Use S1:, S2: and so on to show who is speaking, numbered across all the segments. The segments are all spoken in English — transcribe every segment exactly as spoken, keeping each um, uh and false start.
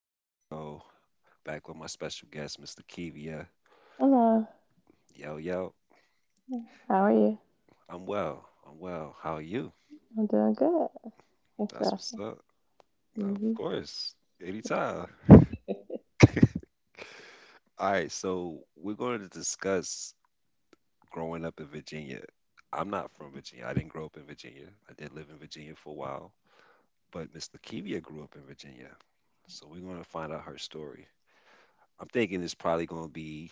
S1: This is Rico, back with my special guest, mister Kivia.
S2: Hello.
S1: Yo, yo.
S2: How are you?
S1: I'm well. I'm well. How are you?
S2: I'm doing good. Thanks for
S1: That's what's
S2: asking.
S1: up.
S2: Hmm
S1: Of course. Anytime. All right. So, we're going to discuss growing up in Virginia. I'm not from Virginia. I didn't grow up in Virginia. I did live in Virginia for a while, but mister Kivia grew up in Virginia. So, we're going to find out her story. I'm thinking it's probably going to be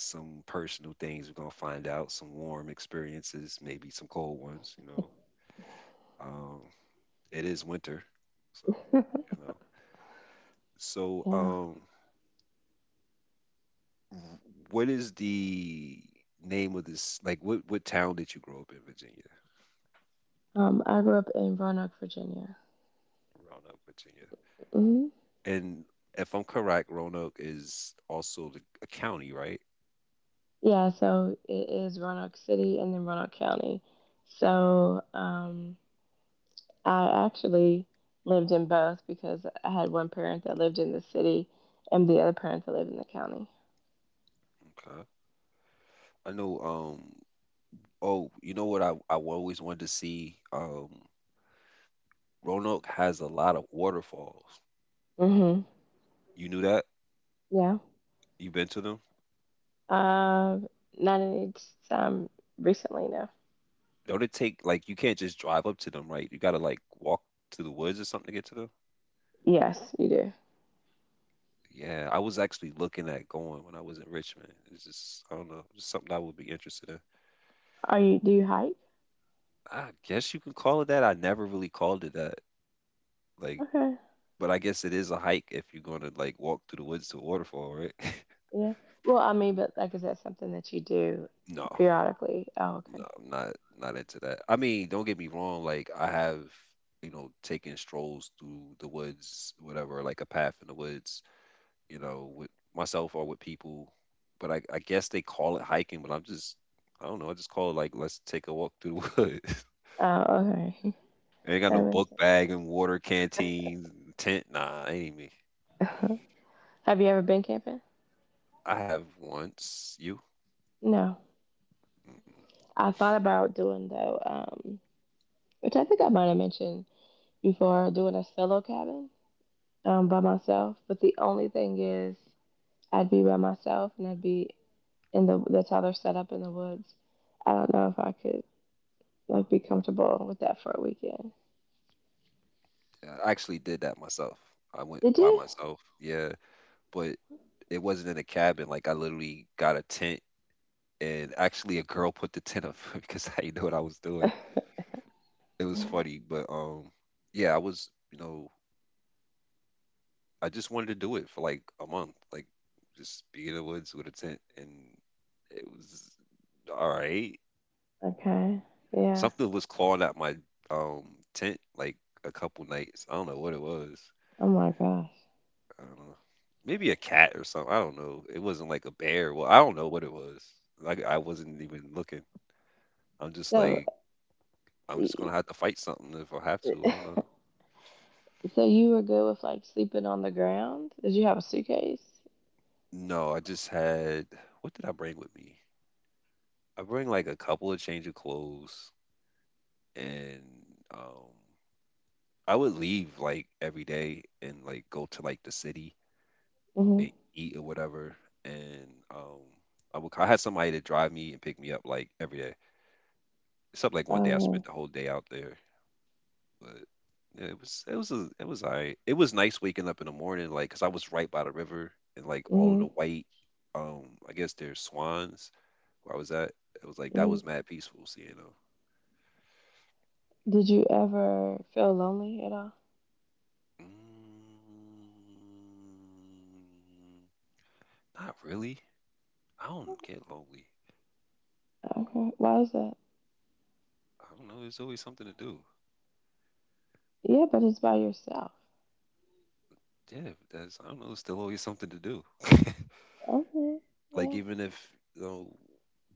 S1: some personal things we're gonna find out, some warm experiences, maybe some cold ones, you know. Um, it is winter, so you know. So,
S2: Yeah.
S1: um, w- what is the name of this? Like, what what town did you grow up in, Virginia?
S2: Um, I grew up in Roanoke, Virginia.
S1: Roanoke, Virginia.
S2: Hmm
S1: And if I'm correct, Roanoke is also the, a county, right?
S2: Yeah, so it is Roanoke City and then Roanoke County. So um, I actually lived in both because I had one parent that lived in the city and the other parent that lived in the county.
S1: Okay. I know. Um. Oh, you know what? I I always wanted to see. Um. Roanoke has a lot of waterfalls.
S2: Hmm
S1: You knew that?
S2: Yeah.
S1: You've been to them?
S2: Uh, Not any time recently, no.
S1: Don't it take like you can't just drive up to them, right? You gotta like walk to the woods or something to get to them.
S2: Yes, you do.
S1: Yeah, I was actually looking at going when I was in Richmond. It's just I don't know, just something I would be interested in.
S2: Are you? Do you hike?
S1: I guess you can call it that. I never really called it that. Like,
S2: Okay.
S1: but I guess it is a hike if you're gonna like walk through the woods to a waterfall, right?
S2: Yeah. Well, I mean, but like, is that something that you do
S1: No,
S2: periodically? Oh,
S1: no,
S2: okay.
S1: I'm not not into that. I mean, don't get me wrong, like I have, you know, taken strolls through the woods, whatever, like a path in the woods, you know, with myself or with people. But I, I guess they call it hiking, but I'm just, I don't know. I just call it like, let's take a walk through the woods.
S2: Oh, okay.
S1: I ain't got
S2: That
S1: no
S2: makes
S1: book
S2: sense.
S1: bag and water canteens, tent. Nah, ain't even me.
S2: Have you ever been camping?
S1: I have once. You?
S2: No.
S1: Mm,
S2: I thought about doing though, um, which I think I might have mentioned before, doing a solo cabin um, by myself. But the only thing is, I'd be by myself and I'd be in the. That's how they're set up in the woods. I don't know if I could like be comfortable with that for a weekend.
S1: I actually did that myself. I went
S2: Did
S1: by
S2: you?
S1: myself. Yeah. But it wasn't in a cabin. Like I literally got a tent and actually a girl put the tent up because I didn't know what I was doing. It was funny, but um, yeah, I was, you know, I just wanted to do it for like a month, like just be in the woods with a tent, and it was all right.
S2: Okay. Yeah.
S1: Something was clawing at my um tent like a couple nights. I don't know what it was.
S2: Oh my gosh.
S1: I don't know. Maybe a cat or something. I don't know. It wasn't like a bear. Well, I don't know what it was. Like I wasn't even looking. I'm just
S2: So
S1: like I'm just gonna have to fight something if I have to. I don't know.
S2: so you were good with like sleeping on the ground? Did you have a suitcase?
S1: No, I just had. What did I bring with me? I bring like a couple of change of clothes and um I would leave like every day and like go to like the city
S2: Mhm.
S1: and eat or whatever. And um, I would I had somebody to drive me and pick me up like every day. Except like one day I
S2: Okay.
S1: spent the whole day out there, but yeah, it was it was a, it was alright. It was nice waking up in the morning like 'cause I was right by the river and like all of
S2: Mhm.
S1: the white um I guess there's swans where I was at. It was like that
S2: Mhm.
S1: was mad peaceful seeing them.
S2: Did you ever feel lonely at all?
S1: Mm, not really. I don't get lonely.
S2: Okay. Why is that?
S1: I don't know. There's always something to do.
S2: Yeah, but it's by yourself.
S1: Yeah, that's I don't know. There's still always something to do.
S2: Okay.
S1: Like
S2: Yeah.
S1: even if, you know,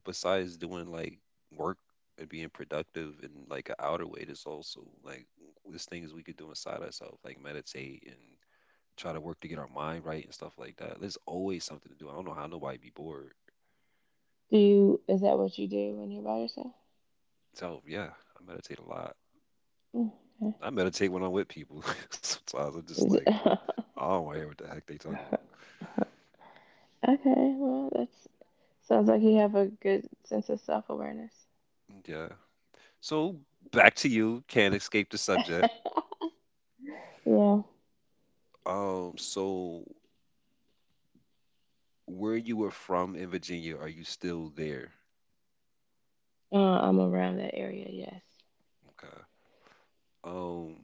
S1: besides doing like work and being productive in like an outer way, there's also like there's things we could do inside ourselves, like meditate and try to work to get our mind right and stuff like that. There's always something to do. I don't know how nobody be bored.
S2: Do you? Is that what you do when you're by yourself?
S1: So yeah, I meditate a lot.
S2: Mm, okay.
S1: I meditate when I'm with people. Sometimes I'm just
S2: Is
S1: like,
S2: it-
S1: I don't want to hear what the heck they talk about.
S2: okay. Well, that's sounds like you have a good sense of self awareness.
S1: Yeah, so back to you. Can't escape the subject.
S2: Yeah.
S1: Um, so where you were from in Virginia, are you still there?
S2: Uh, I'm around that area. Yes.
S1: Okay. Um,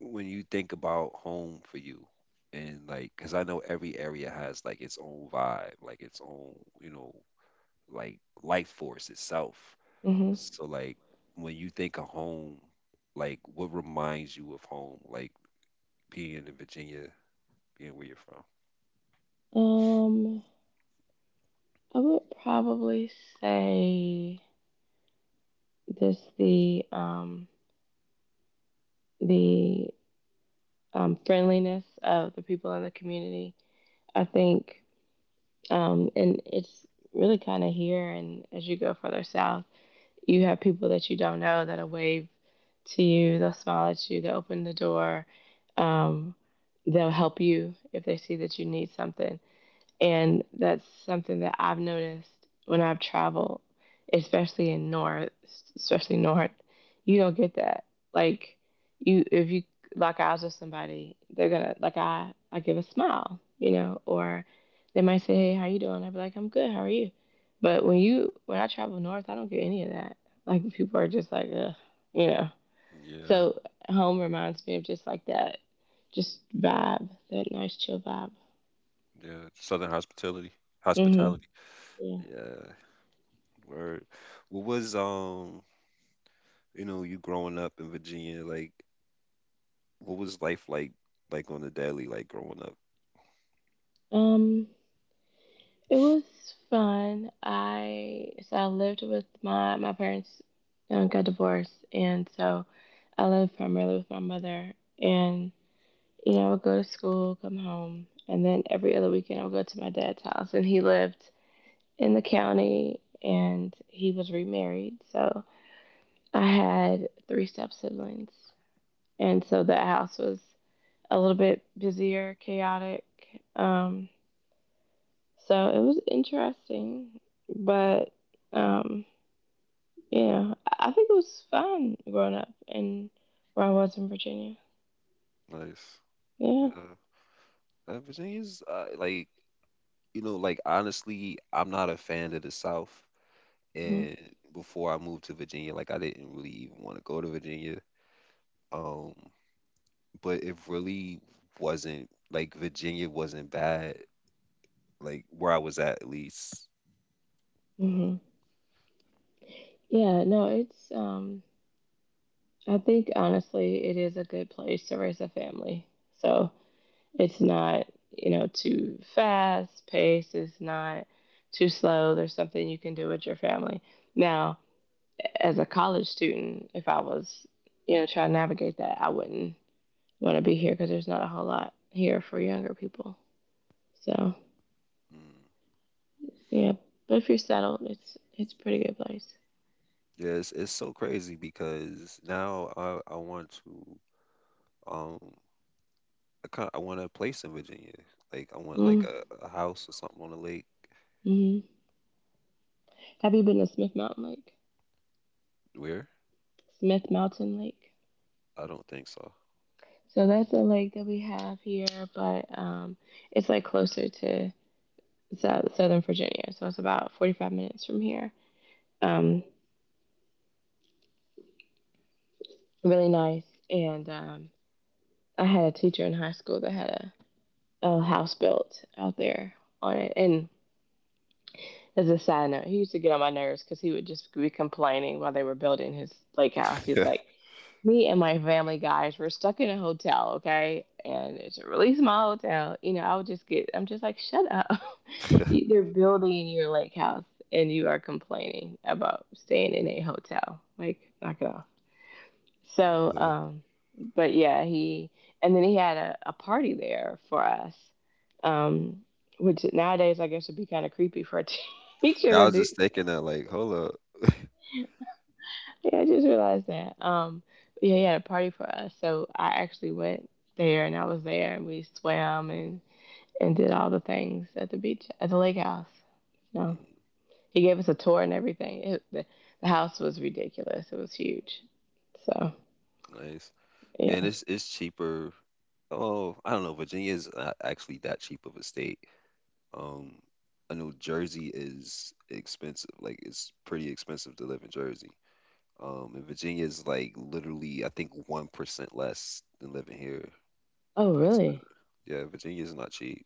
S1: when you think about home for you, and like, cause I know every area has like its own vibe, like its own, you know, like life force itself.
S2: Mhm.
S1: So like, when you think of home, like what reminds you of home? Like being in Virginia, being where you're from.
S2: Um. I would probably say just the um, the um, friendliness of the people in the community. I think, um, and it's really kind of here. And as you go further south, you have people that you don't know that'll wave to you, they'll smile at you, they'll open the door, um, they'll help you if they see that you need something. And that's something that I've noticed when I've traveled, especially in North, especially North, you don't get that. Like you, if you lock eyes with somebody, they're gonna like I, I give a smile, you know, or they might say, "Hey, how you doing?" I'd be like, "I'm good. How are you?" But when you, when I travel North, I don't get any of that. Like people are just like, ugh, you know.
S1: Yeah,
S2: So home reminds me of just like that, just vibe, that nice chill vibe.
S1: yeah. Southern hospitality.
S2: Hmm
S1: Hospitality.
S2: Yeah.
S1: Yeah, word. What was um, you know, you growing up in Virginia, like what was life like like on the daily, like growing up?
S2: Um, it was fun. I so I lived with my my parents uh, got divorced, and so I lived primarily with my mother. And you know, I would go to school, come home, and then every other weekend I would go to my dad's house, and he lived in the county, and he was remarried, so I had three step siblings, and so that house was a little bit busier, chaotic. Um, So it was interesting, but um, yeah, I think it was fun growing up and where I was in Virginia.
S1: Mm, nice.
S2: Yeah.
S1: Yeah. Uh, Virginia's uh, like, you know, like honestly, I'm not a fan of the South.
S2: hmm
S1: And before I moved to Virginia, like I didn't really even want to go to Virginia. Um, but it really wasn't like Virginia wasn't bad, like where I was at at least. Oh,
S2: hmm Yeah. No, it's um, I think honestly, it is a good place to raise a family. So it's not you know too fast paced. It's not too slow. There's something you can do with your family. Now, as a college student, if I was you know trying to navigate that, I wouldn't want to be here because there's not a whole lot here for younger people. So
S1: mm.
S2: yeah, but if you're settled, it's it's a pretty good place.
S1: Yes, it's so crazy because now I I want to um I kind I want a place in Virginia. Like I want like
S2: Mm,
S1: a, a house or something on a lake.
S2: mm-hmm. Have you been to Smith Mountain Lake?
S1: Where?
S2: Smith Mountain Lake.
S1: I don't think so.
S2: So that's a lake that we have here, but um, it's like closer to sou- Southern Virginia, so it's about forty-five minutes from here. Um, really nice. And um, I had a teacher in high school that had a, a house built out there on it, and as a side note, he used to get on my nerves because he would just be complaining while they were building his lake house. He was like, me and my family, guys, we're stuck in a hotel, okay? And it's a really small hotel. You know, I would just get, I'm just like, shut up. You- They're building your lake house and you are complaining about staying in a hotel. Like, knock it off. So,
S1: Yeah,
S2: um, but yeah, he and then he had a, a party there for us, um, which nowadays I guess would be kind of creepy for a teacher
S1: I
S2: to
S1: was
S2: do.
S1: just thinking that like, hold up,
S2: Yeah, I just realized that. Um, but yeah, he had a party for us, so I actually went there and I was there and we swam and and did all the things at the beach at the lake house. No,
S1: mm,
S2: he gave us a tour and everything. It, the, the house was ridiculous. It was huge. So
S1: nice. Yeah, and
S2: yeah.
S1: it's it's cheaper. Oh, I don't know. Virginia is not actually that cheap of a state. Um, I know Jersey is expensive. Like it's pretty expensive to live in Jersey. Um, in Virginia is like literally, I think one percent less than living here, the
S2: Oh
S1: price of living.
S2: really?
S1: Yeah, Virginia is not cheap.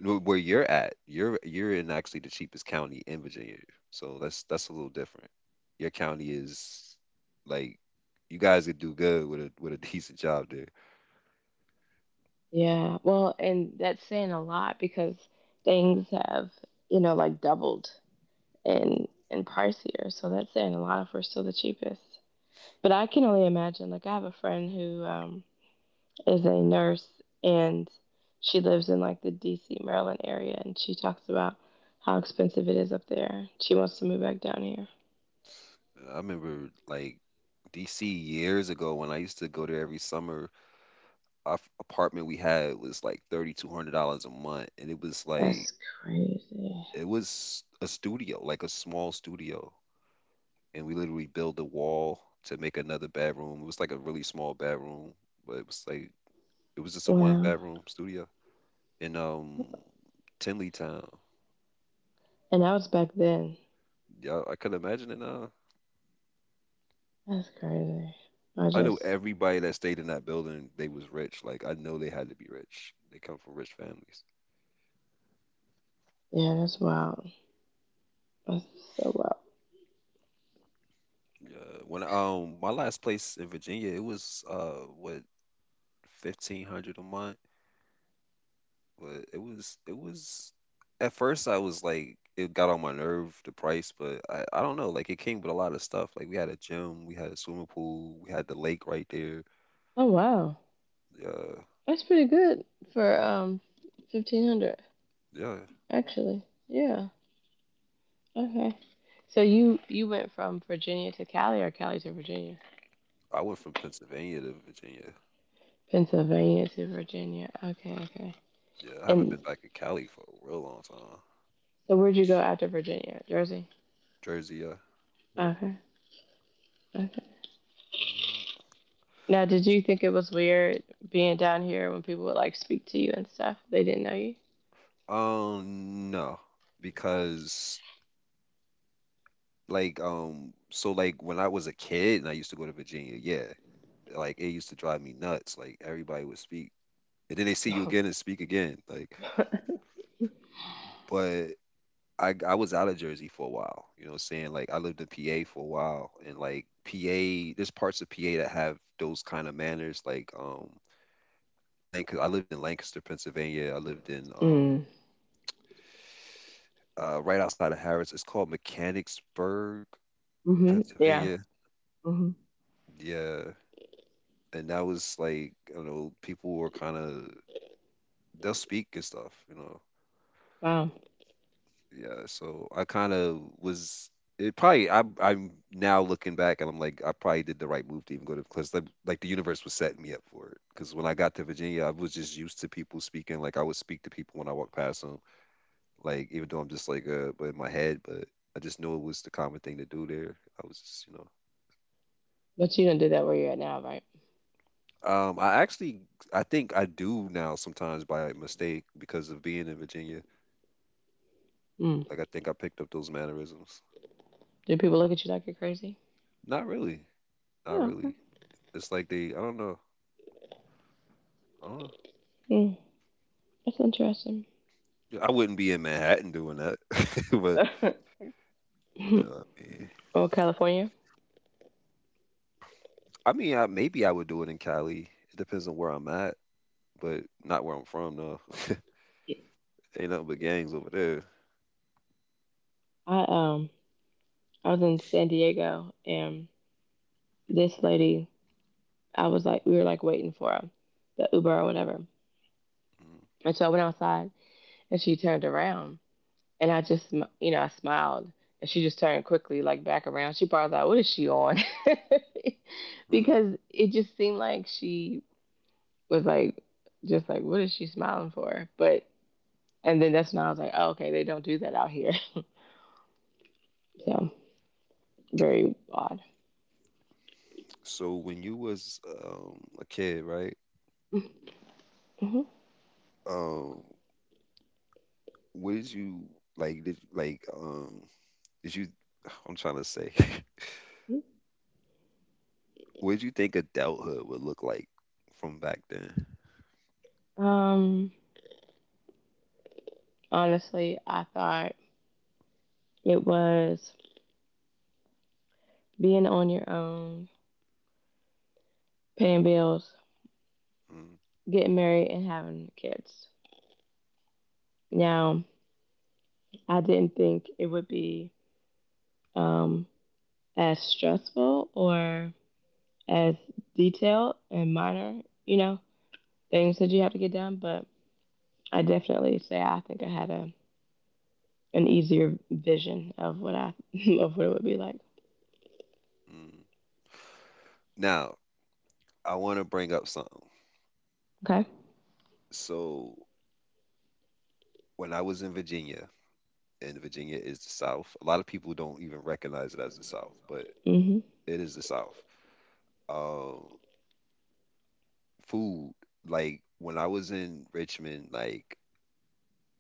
S1: No, where you're at, you're you're in actually the cheapest county in Virginia. So that's that's a little different. Your county is like you guys could do good with a with a decent job there.
S2: Yeah, well, and that's saying a lot because things have, you know, like doubled in in price here. So that's saying a lot if we're still the cheapest. But I can only imagine. Like I have a friend who um, is a nurse and she lives in like the D C. Maryland area, and she talks about how expensive it is up there. She wants to move back down here.
S1: I remember like D C years ago when I used to go there every summer, our f- apartment we had was like three thousand two hundred dollars a month and it was like
S2: That's crazy.
S1: it was a studio, like a small studio, and we literally built a wall to make another bedroom. It was like a really small bedroom, but it was like it was just a one
S2: Wow.
S1: bedroom studio in um Tinley Town.
S2: And that was back then.
S1: Yeah, I could imagine it now.
S2: That's crazy. I
S1: I knew
S2: just,
S1: everybody that stayed in that building. They was rich. Like I know they had to be rich. They come from rich families.
S2: yeah, that's wild. That's so wild.
S1: Yeah. When um my last place in Virginia, it was uh what fifteen hundred a month, but it was it was at first I was like it got on my nerve the price, but I, I don't know, like it came with a lot of stuff. Like we had a gym, we had a swimming pool, we had the lake right there.
S2: Oh wow,
S1: Yeah,
S2: that's pretty good for um fifteen hundred
S1: yeah.
S2: actually. Yeah. Okay. So you you went from Virginia to Cali or Cali to Virginia,
S1: I went from Pennsylvania to Virginia.
S2: Pennsylvania to Virginia. Okay, okay.
S1: Yeah, I haven't
S2: And
S1: been back in Cali for a real long time.
S2: so where'd you go after Virginia? Jersey.
S1: Jersey, yeah. Yep.
S2: Okay. Okay.
S1: Yeah.
S2: Now, did you think it was weird being down here when people would like speak to you and stuff? They didn't know you.
S1: Um, no, because like um, so like when I was a kid and I used to go to Virginia, yeah, like it used to drive me nuts. Like everybody would speak and then they see you again and speak again. Like, but I I was out of Jersey for a while. You know, what I'm saying, like I lived in P A for a while, and like P A, there's parts of P A that have those kind of manners. Like, um, Lancaster. I lived in Lancaster, Pennsylvania. I lived in um,
S2: Mm.
S1: uh, right outside of Harris. It's called Mechanicsburg,
S2: Mhm. Yeah.
S1: Pennsylvania.
S2: Mhm.
S1: Yeah, and that was like, you know, people were kind of they'll speak and stuff. You know,
S2: Wow.
S1: yeah, so I kind of was it probably I'm I'm now looking back and I'm like I probably did the right move to even go to, because like, like the universe was setting me up for it because when I got to Virginia I was just used to people speaking like I would speak to people when I walked past them like even though I'm just like uh but in my head, but I just knew it was the common thing to do there, I was just, you know,
S2: But you don't do that where you're at now, right?
S1: um I actually I think I do now sometimes by mistake because of being in Virginia,
S2: Mm.
S1: like I think I picked up those mannerisms.
S2: Do people look at you like you're crazy?
S1: Not really, not
S2: Oh, okay.
S1: really. It's like they I don't know. Oh,
S2: Mm, that's interesting.
S1: yeah, I wouldn't be in Manhattan doing that, but uh, yeah.
S2: Oh, California.
S1: I mean, I, maybe I would do it in Cali. It depends on where I'm at, but not where I'm from. No, ain't nothing but gangs over there.
S2: I um I was in San Diego and this lady I was like we were like waiting for the Uber or whatever. And so I went outside and she turned around and I just you know, I smiled and she just turned quickly like back around. She probably thought, what is she on?
S1: Mhm.
S2: Because it just seemed like she was like just like, what is she smiling for? But and then that's when I was like, oh, okay, they don't do that out here. So very odd.
S1: So when you was um, a kid, right?
S2: Mm-hmm.
S1: Um, what did you like? Did like um? Did you? I'm trying to say, what did you think adulthood would look like from back then?
S2: Um, Honestly, I thought it was being on your own, paying bills,
S1: Mm,
S2: getting married, and having kids. Now, I didn't think it would be um, as stressful or as detailed and minor, you know,
S1: mm,
S2: things that you have to get done, but I definitely say I think I had a an easier vision of what I of what it would be like.
S1: mm. Now, I want to bring up something.
S2: Okay.
S1: So when I was in Virginia, and Virginia is the South, a lot of people don't even recognize it as the South, but
S2: Mhm.
S1: it is the South. Um, Food, like when I was in Richmond, like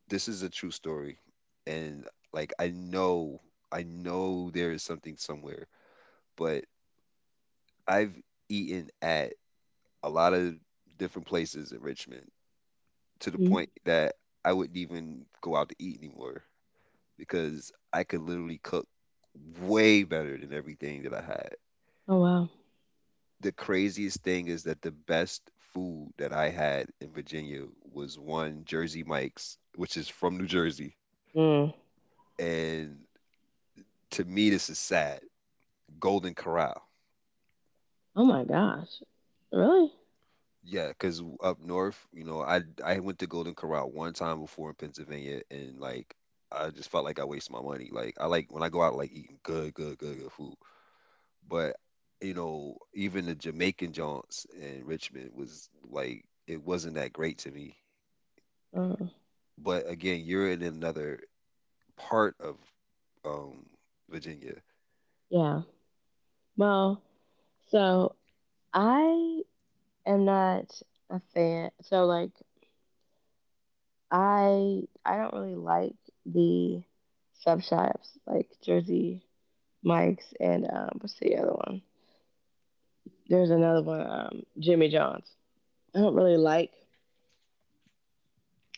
S1: this is a true story, and like I know, I know there is something somewhere, but I've eaten at a lot of different places in Richmond to the
S2: Mm-hmm.
S1: point that I wouldn't even go out to eat anymore because I could literally cook way better than everything that I had.
S2: Oh wow.
S1: The craziest thing is that the best food that I had in Virginia was one Jersey Mike's, which is from New Jersey.
S2: Mm.
S1: And to me, this is sad. Golden Corral.
S2: Oh my gosh. Really?
S1: Yeah, because up north, you know, I I went to Golden Corral one time before in Pennsylvania, and like I just felt like I wasted my money. Like I like when I go out, like eating good, good, good, good food. But you know, even the Jamaican joints in Richmond was like it wasn't that great to me.
S2: Mm,
S1: But again, you're in another part of um Virginia.
S2: yeah. Well, so I am not a fan. So like I I don't really like the sub shops like Jersey Mike's and um what's the other one? There's another one, um, Jimmy John's. I don't really like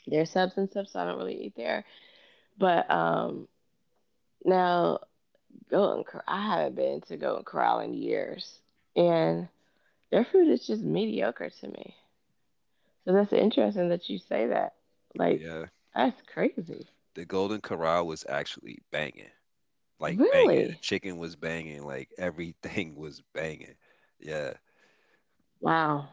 S2: their subs and stuff, so I don't really eat there. But um now Golden Cor- I haven't been to Golden Corral in years. And their food is just mediocre to me. So that's interesting that you say that. Like,
S1: Yeah.
S2: that's crazy.
S1: The Golden Corral was actually banging. Like banging. The
S2: Really?
S1: chicken was banging, like everything was banging. Yeah.
S2: Wow.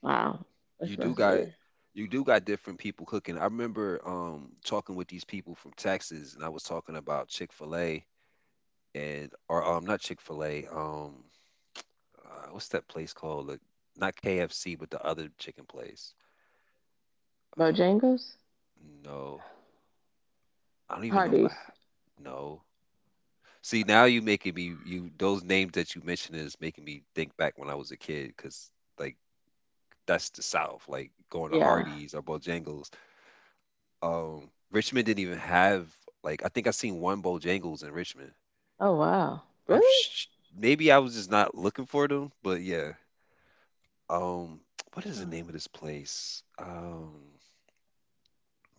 S2: Wow.
S1: You
S2: This
S1: do
S2: must
S1: got
S2: be
S1: you do got different people cooking. I remember um talking with these people from Texas and I was talking about Chick-fil-A and or um not Chick-fil-A, um uh, what's that place called? Like, not K F C but the other chicken place. Uh
S2: Bojangles?
S1: no. I don't even know if I
S2: Hardee's.
S1: have. No. See, now you making me you those names that you mentioned is making me think back when I was a kid because like that's the South, like going to
S2: Yeah.
S1: Hardee's or Bojangles. Um, Richmond didn't even have like I think I seen one Bojangles in Richmond.
S2: Oh, wow.
S1: I'm
S2: Really?
S1: sh- Maybe I was just not looking for them, but yeah. Um, what is the
S2: Oh,
S1: name of this place? Um,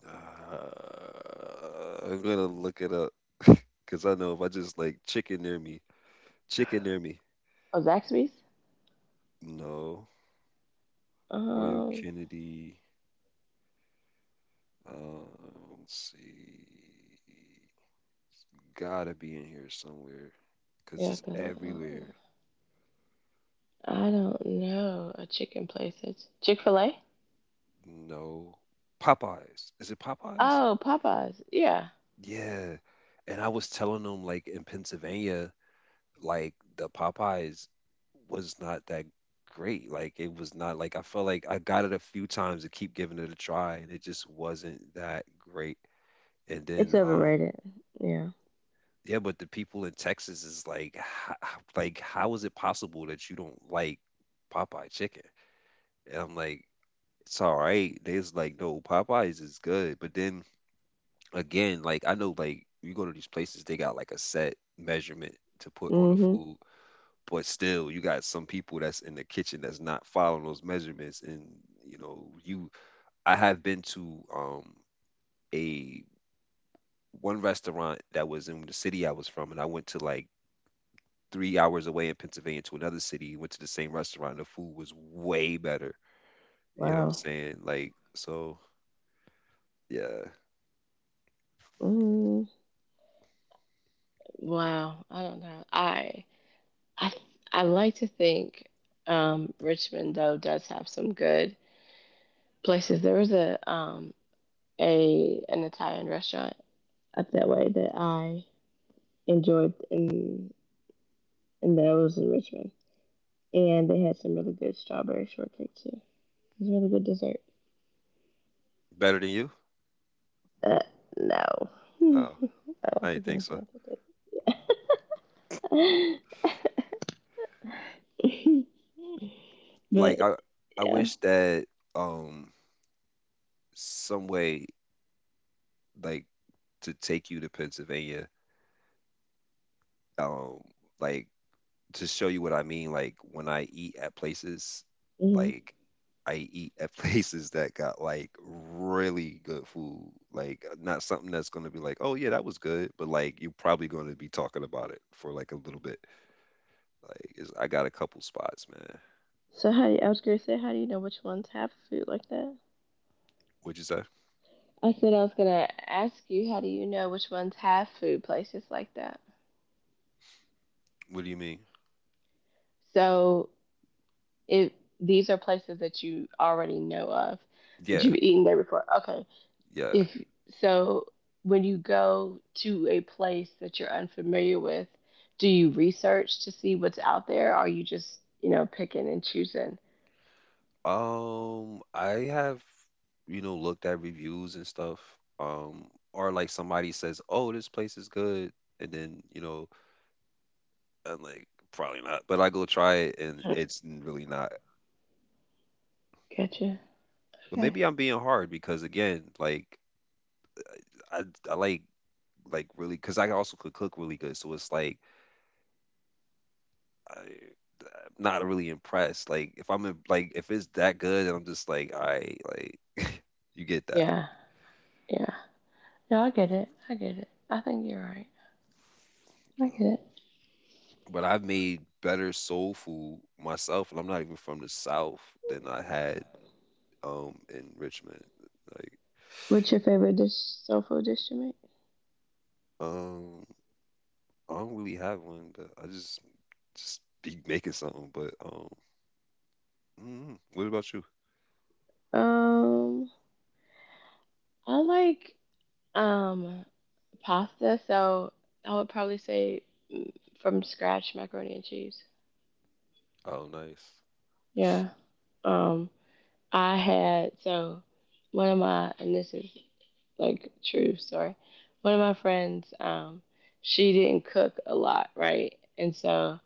S1: uh, I'm gonna look it up because I know if I just like chicken near me, chicken near me.
S2: Zaxby's?
S1: No. Royal
S2: Um,
S1: Kennedy. Uh, let's see. Gotta be in here somewhere because
S2: yeah,
S1: it's
S2: because I
S1: everywhere.
S2: I don't know a chicken place. It's Chick fil A?
S1: No. Popeyes. Is it Popeyes?
S2: Oh, Popeyes. Yeah.
S1: Yeah. And I was telling them, like, in Pennsylvania, like, the Popeyes was not that great. Like, it was not like I felt like I got it a few times to keep giving it a try, and it just wasn't that great. And
S2: It's
S1: then, um.
S2: overrated. Yeah.
S1: Yeah, but the people in Texas is like, "Ho- ho- like, how is it possible that you don't like Popeye chicken? And I'm like, it's all right. There's like, no, Popeyes is good. But then again, like, I know, like, you go to these places, they got like a set measurement to put on the
S2: Mm hmm.
S1: food, but still, you got some people that's in the kitchen that's not following those measurements. And you know, you, I have been to um a one restaurant that was in the city I was from, and I went to like three hours away in Pennsylvania to another city, went to the same restaurant, and the food was way better. You know what I'm
S2: Wow.
S1: saying? Like, so yeah.
S2: Mm, wow. I don't know. I I I like to think um, Richmond though does have some good places. There was a um, a an Italian restaurant up that way that I enjoyed, and and that was in Richmond, and they had some really good strawberry shortcake too. It was a really good dessert.
S1: Better than you?
S2: Uh, no,
S1: Oh,
S2: I don't
S1: I didn't
S2: think
S1: think so.
S2: anything with it. But
S1: Like I I
S2: yeah.
S1: wish that um some way like to take you to Pennsylvania, um, like to show you what I mean, like when I eat at places,
S2: hmm
S1: like I eat at places that got like really good food, like uh, not something that's going to be like, oh yeah, that was good, but like you're probably going to be talking about it for like a little bit. Like it's, I got a couple spots, man.
S2: So how do you, I was gonna say, how do you know which ones have food like that?
S1: What'd you say?
S2: I said I was gonna ask you, how do you know which ones have food places like that?
S1: What do you mean?
S2: So if these are places that you already know of, that you've
S1: Yeah,
S2: eaten there before. Okay.
S1: yeah.
S2: If so when you go to a place that you're unfamiliar with, do you research to see what's out there? Or are you just, you know, picking and choosing?
S1: Um, I have, you know, looked at reviews and stuff. Um, or like somebody says, "Oh, this place is good," and then you know I'm like, probably not. But I go try it, and
S2: Hmm,
S1: it's really not.
S2: gotcha.
S1: But
S2: Okay.
S1: maybe I'm being hard because again, like I I like like really because I also could cook really good. So it's like I, I'm not really impressed. Like if I'm in, like if it's that good, and I'm just like, all right, like you get that.
S2: Yeah, yeah. No, I get it. I get it. I think you're right. I get
S1: So-
S2: it.
S1: But I've made better soul food myself, and I'm not even from the South than I had um in Richmond. Like
S2: What's your favorite dish soul food dish to make?
S1: um, I don't really have one, but I just Just be making something. But um, mm, what about you?
S2: Um, I like um pasta, so I would probably say mm, from scratch macaroni and cheese.
S1: Oh, nice,
S2: Yeah. Um, I had so one of my and this is like true story. One of my friends, um, she didn't cook a lot, right? And so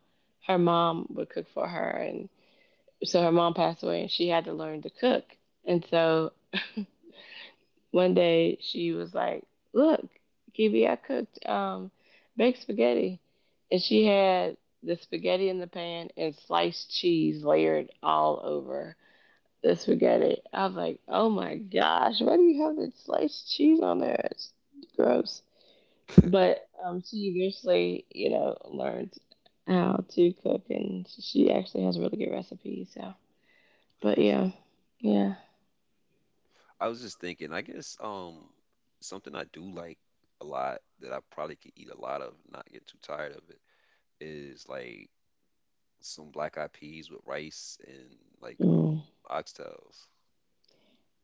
S2: her mom would cook for her, and so her mom passed away, and she had to learn to cook. And so One day she was like, "Look, Kibi, I cooked um, baked spaghetti," and she had the spaghetti in the pan and sliced cheese layered all over the spaghetti. I was like, "Oh my gosh, why do you have the sliced cheese on there? It's gross." But um, she eventually, you know, learned how to cook, and she actually has really good recipes. So, but
S1: nice.
S2: yeah, yeah,
S1: I was just thinking. I guess um, something I do like a lot that I probably could eat a lot of, and not get too tired of it, is like some black eyed peas with rice and like um,
S2: mm.
S1: oxtails.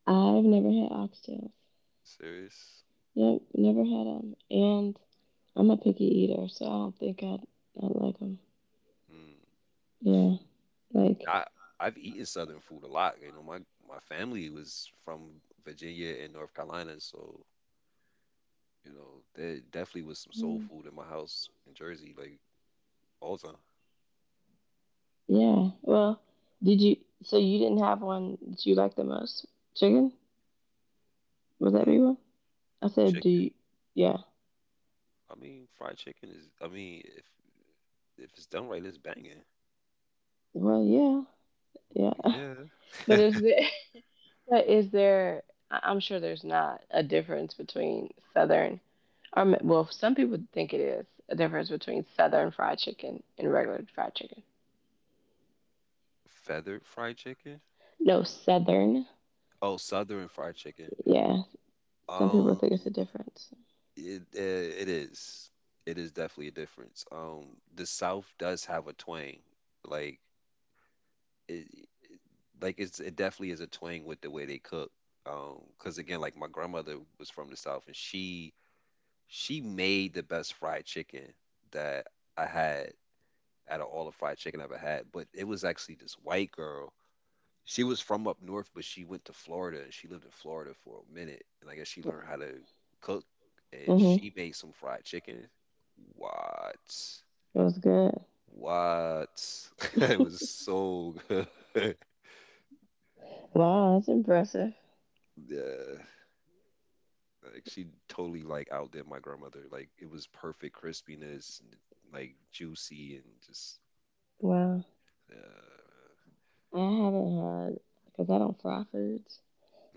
S2: I've never had oxtails.
S1: Serious?
S2: Yep, never had them. And I'm a picky eater, so I don't think I'd, I'd like them.
S1: Mm.
S2: Yeah, like,
S1: I I've eaten Southern food a lot. You know, my my family was from Virginia and North Carolina, so you know there definitely was some soul
S2: mm,
S1: food in my house in Jersey. Like Balza.
S2: yeah. Well, did you, so you didn't have one that you liked the most? Chicken? Would that
S1: Hmm.
S2: be one? I said, do
S1: Chicken.
S2: you, yeah.
S1: I mean, fried chicken is. I mean, if if it's done right, it's banging.
S2: Well, yeah,
S1: Well,
S2: yeah.
S1: yeah.
S2: But is there, but is there, I- I'm sure there's not a difference between Southern, or, ma- well, some people think it is a difference between Southern fried chicken and regular fried chicken.
S1: Feathered fried chicken.
S2: No, Southern.
S1: Oh, southern fried chicken.
S2: Yeah, some people
S1: Um,
S2: think it's a difference.
S1: it uh, it is. It is definitely a difference. Um, the South does have a twang. Like it, like it's it definitely is a twang with the way they cook. Um, because again, like my grandmother was from the South, and she she made the best fried chicken that I had. Out of all the fried chicken I ever had. But it was actually this white girl. She was from up north, but she went to Florida and she lived in Florida for a minute. And I guess she learned how to cook and
S2: Mm-hmm.
S1: she made some fried chicken. What?
S2: It was good.
S1: What? It was so good.
S2: Wow, that's impressive.
S1: Yeah. Like she totally like outdid my grandmother. Like it was perfect crispiness and like juicy and just
S2: Wow.
S1: yeah.
S2: I haven't had, because I don't fry foods,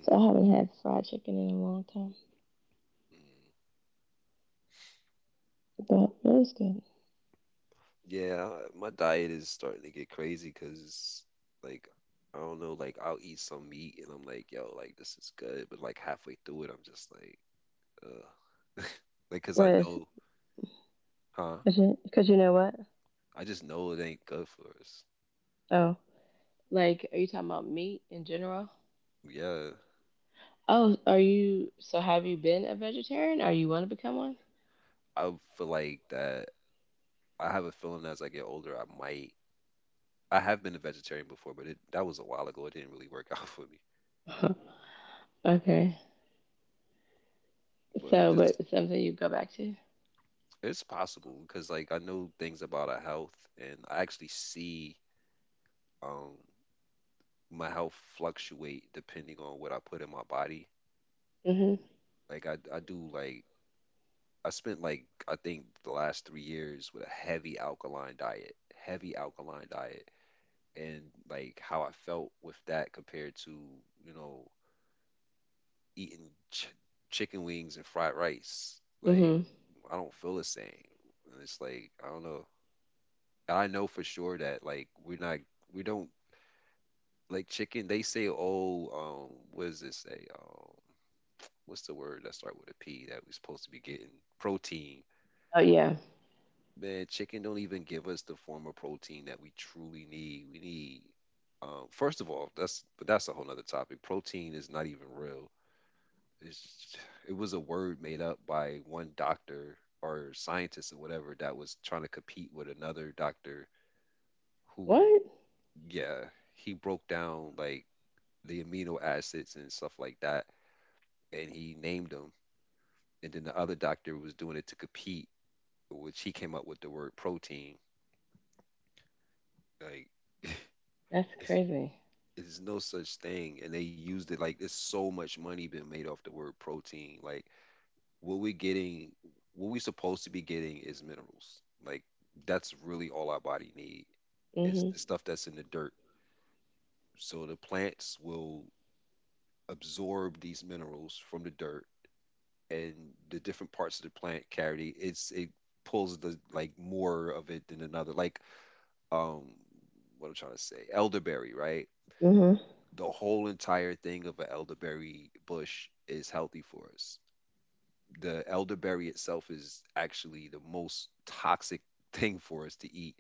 S2: so I haven't had fried chicken in a long time.
S1: Mhm.
S2: But it was good.
S1: Yeah, my diet is starting to get crazy because, like, I don't know, like, I'll eat some meat and I'm like, yo, like, this is good. But, like, halfway through it, I'm just like, ugh. Cause I
S2: Wait,
S1: know, huh?
S2: because you know what?
S1: I just know it ain't good for us.
S2: Oh. Like, are you talking about meat in general?
S1: Yeah.
S2: Oh, are you, so have you been a vegetarian or you want to become one?
S1: I feel like that. I have a feeling as I get older, I might. I have been a vegetarian before, but it, that was a while ago. It didn't really work out for me.
S2: Okay.
S1: But
S2: So,
S1: just,
S2: but something you go back to?
S1: it's possible because, like, I know things about our health and I actually see. um my health fluctuate depending on what I put in my body.
S2: Mm-hmm.
S1: Like I, I do like I spent like I think the last three years with a heavy alkaline diet, heavy alkaline diet, and like how I felt with that compared to you know eating ch- chicken wings and fried rice. Like
S2: Mm-hmm.
S1: I don't feel the same. And it's like I don't know. I know for sure that like we're not we don't like chicken. They say oh um what does it say um what's the word that start with a P that we're supposed to be getting? Protein.
S2: Oh, yeah.
S1: Man, chicken don't even give us the form of protein that we truly need. We need, um, first of all, that's but that's a whole nother topic. Protein is not even real. It's it was a word made up by one doctor or scientist or whatever that was trying to compete with another doctor who,
S2: What?
S1: yeah, he broke down like the amino acids and stuff like that, and he named them. And then the other doctor was doing it to compete which he came up with the word protein. Like
S2: That's
S1: it's
S2: crazy.
S1: it's no such thing, and they used it like there's so much money been made off the word protein. Like what we getting, what we supposed to be getting is minerals. Like that's really all our body need is the
S2: Mm-hmm.
S1: stuff that's in the dirt. So the plants will absorb these minerals from the dirt, and the different parts of the plant carry it's it pulls the like more of it than another. Like um what I'm trying to say, elderberry, right?
S2: Mm-hmm.
S1: The whole entire thing of an elderberry bush is healthy for us. The elderberry itself is actually the most toxic thing for us to eat,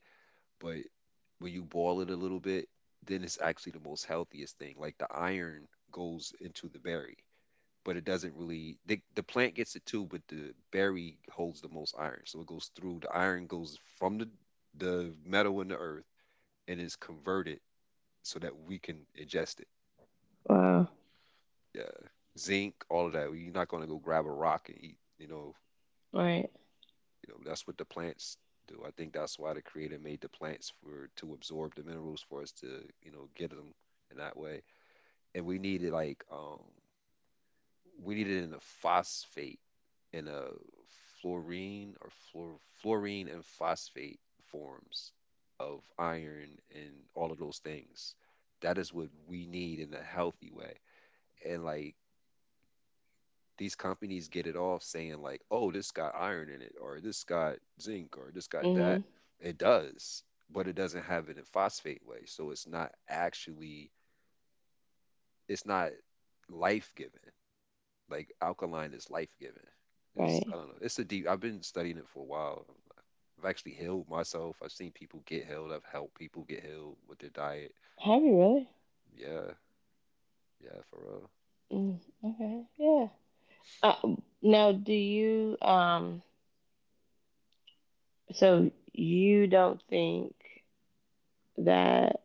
S1: but when you boil it a little bit, then it's actually the most healthiest thing. Like the iron goes into the berry, but it doesn't really. They, the plant gets it too, but the berry holds the most iron, so it goes through. The iron goes from the the metal in the earth and is converted so that we can ingest it.
S2: Wow.
S1: Yeah, zinc, all of that. You're not going to go grab a rock and eat. You know,
S2: Right.
S1: you know that's what the plants do. I think that's why the Creator made the plants for to absorb the minerals for us to you know get them in that way. And we need it like um we need it in a phosphate in a fluorine or fluor- fluorine and phosphate forms of iron and all of those things. That is what we need in a healthy way, and like these companies get it off saying like, oh, this got iron in it, or this got zinc, or this got that.
S2: Mhm.
S1: It does, but it doesn't have it in phosphate way. So it's not actually, it's not life giving. Like alkaline is life giving. It's, I
S2: Right.
S1: don't know. It's a deep, I've been studying it for a while. I've actually healed myself. I've seen people get healed. I've helped people get healed with their diet.
S2: Have you really?
S1: Yeah, yeah, for real.
S2: Mm, okay. Yeah. Uh, now, do you um? So you don't think that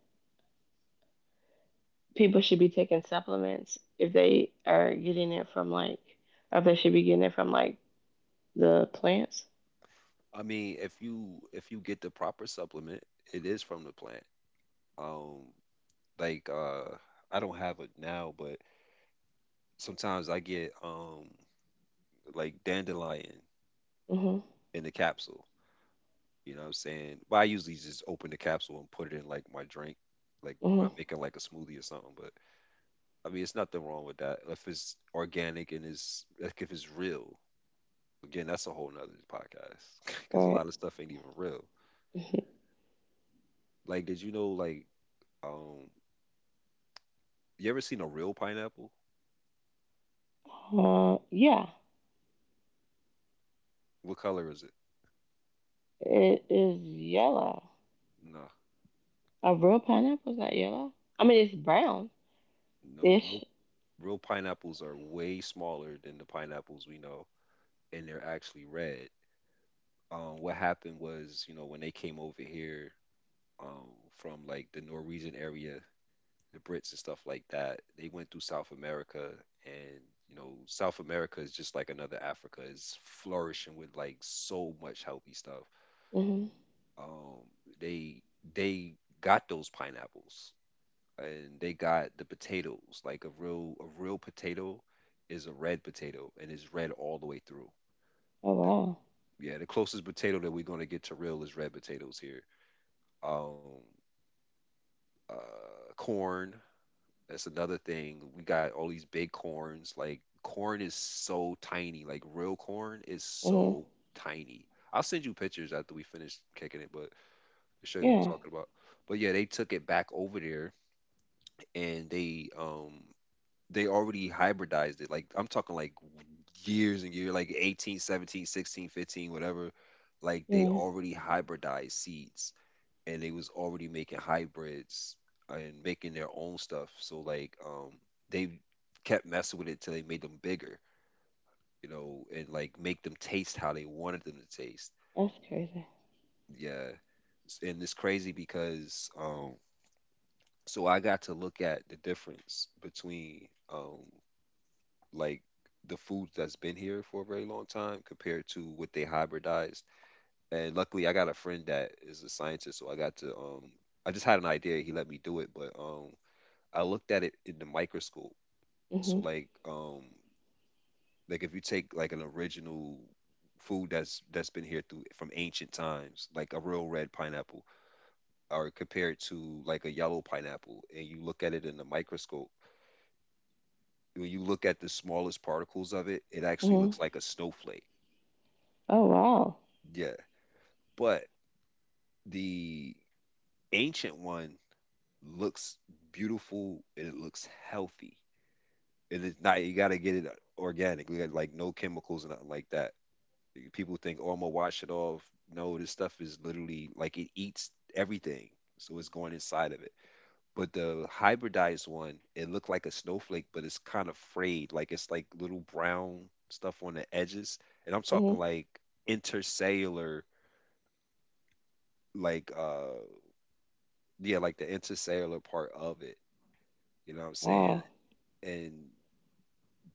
S2: people should be taking supplements if they are getting it from like, or if they should be getting it from like the plants?
S1: I mean, if you if you get the proper supplement, it is from the plant. Um, like uh I don't have it now, but sometimes I get um like dandelion
S2: Mhm.
S1: in the capsule. You know what I'm saying? But I usually just open the capsule and put it in like my drink, like when
S2: Mhm.
S1: I'm making like a smoothie or something. But I mean, it's nothing wrong with that if it's organic and it's like if it's real. Again, that's a whole nother podcast because a
S2: Right.
S1: lot of stuff ain't even real. Like, did you know, like um you ever seen a real pineapple?
S2: Uh, yeah.
S1: What color is it?
S2: It is yellow.
S1: Nah,
S2: A real pineapple's not yellow. I mean, it's brown
S1: no, real
S2: ish.
S1: real pineapples are way smaller than the pineapples we know, and they're actually red. Um, what happened was, you know, when they came over here, um, from like the Norwegian area, the Brits and stuff like that, they went through South America, and you know, South America is just like another Africa. It's flourishing with like so much healthy stuff.
S2: Mhm.
S1: Um, they they got those pineapples, and they got the potatoes. Like a real a real potato is a red potato, and it's red all the way through.
S2: Oh
S1: The,
S2: wow.
S1: yeah, the closest potato that we're gonna get to real is red potatoes here. Um, uh, Corn. That's another thing. We got all these big corns. Like corn is so tiny. Like real corn is
S2: Mhm.
S1: so tiny. I'll send you pictures after we finish kicking it, but to show you what I'm
S2: Yeah.
S1: talking about. But yeah, they took it back over there, and they um they already hybridized it. Like I'm talking like years and years, like eighteen, seventeen, sixteen, fifteen, whatever. Like they
S2: Yeah.
S1: already hybridized seeds, and they was already making hybrids and making their own stuff. So like um they kept messing with it till they made them bigger, you know, and like make them taste how they wanted them to taste.
S2: That's crazy.
S1: Yeah. And it's crazy because um so I got to look at the difference between um like the foods that's been here for a very long time compared to what they hybridized. And luckily, I got a friend that is a scientist, so I got to, um I just had an idea. He let me do it, but um I looked at it in the microscope. So
S2: Mhm.
S1: like um like if you take like an original food that's that's been here through from ancient times, like a real red pineapple, or compared to like a yellow pineapple, and you look at it in the microscope, when you look at the smallest particles of it, it actually
S2: Mhm.
S1: looks like a snowflake.
S2: Oh wow.
S1: Yeah, but the ancient one looks beautiful, and it looks healthy. And it's not, you gotta get it organic. We got like no chemicals and nothing like that. People think, oh, I'm gonna wash it off. No, this stuff is literally like it eats everything. So it's going inside of it. But the hybridized one, it looked like a snowflake, but it's kind of frayed. Like it's like little brown stuff on the edges. And I'm talking
S2: Mhm.
S1: like intercellular, like uh yeah, like the intercellular part of it. You know what I'm saying?
S2: Wow.
S1: And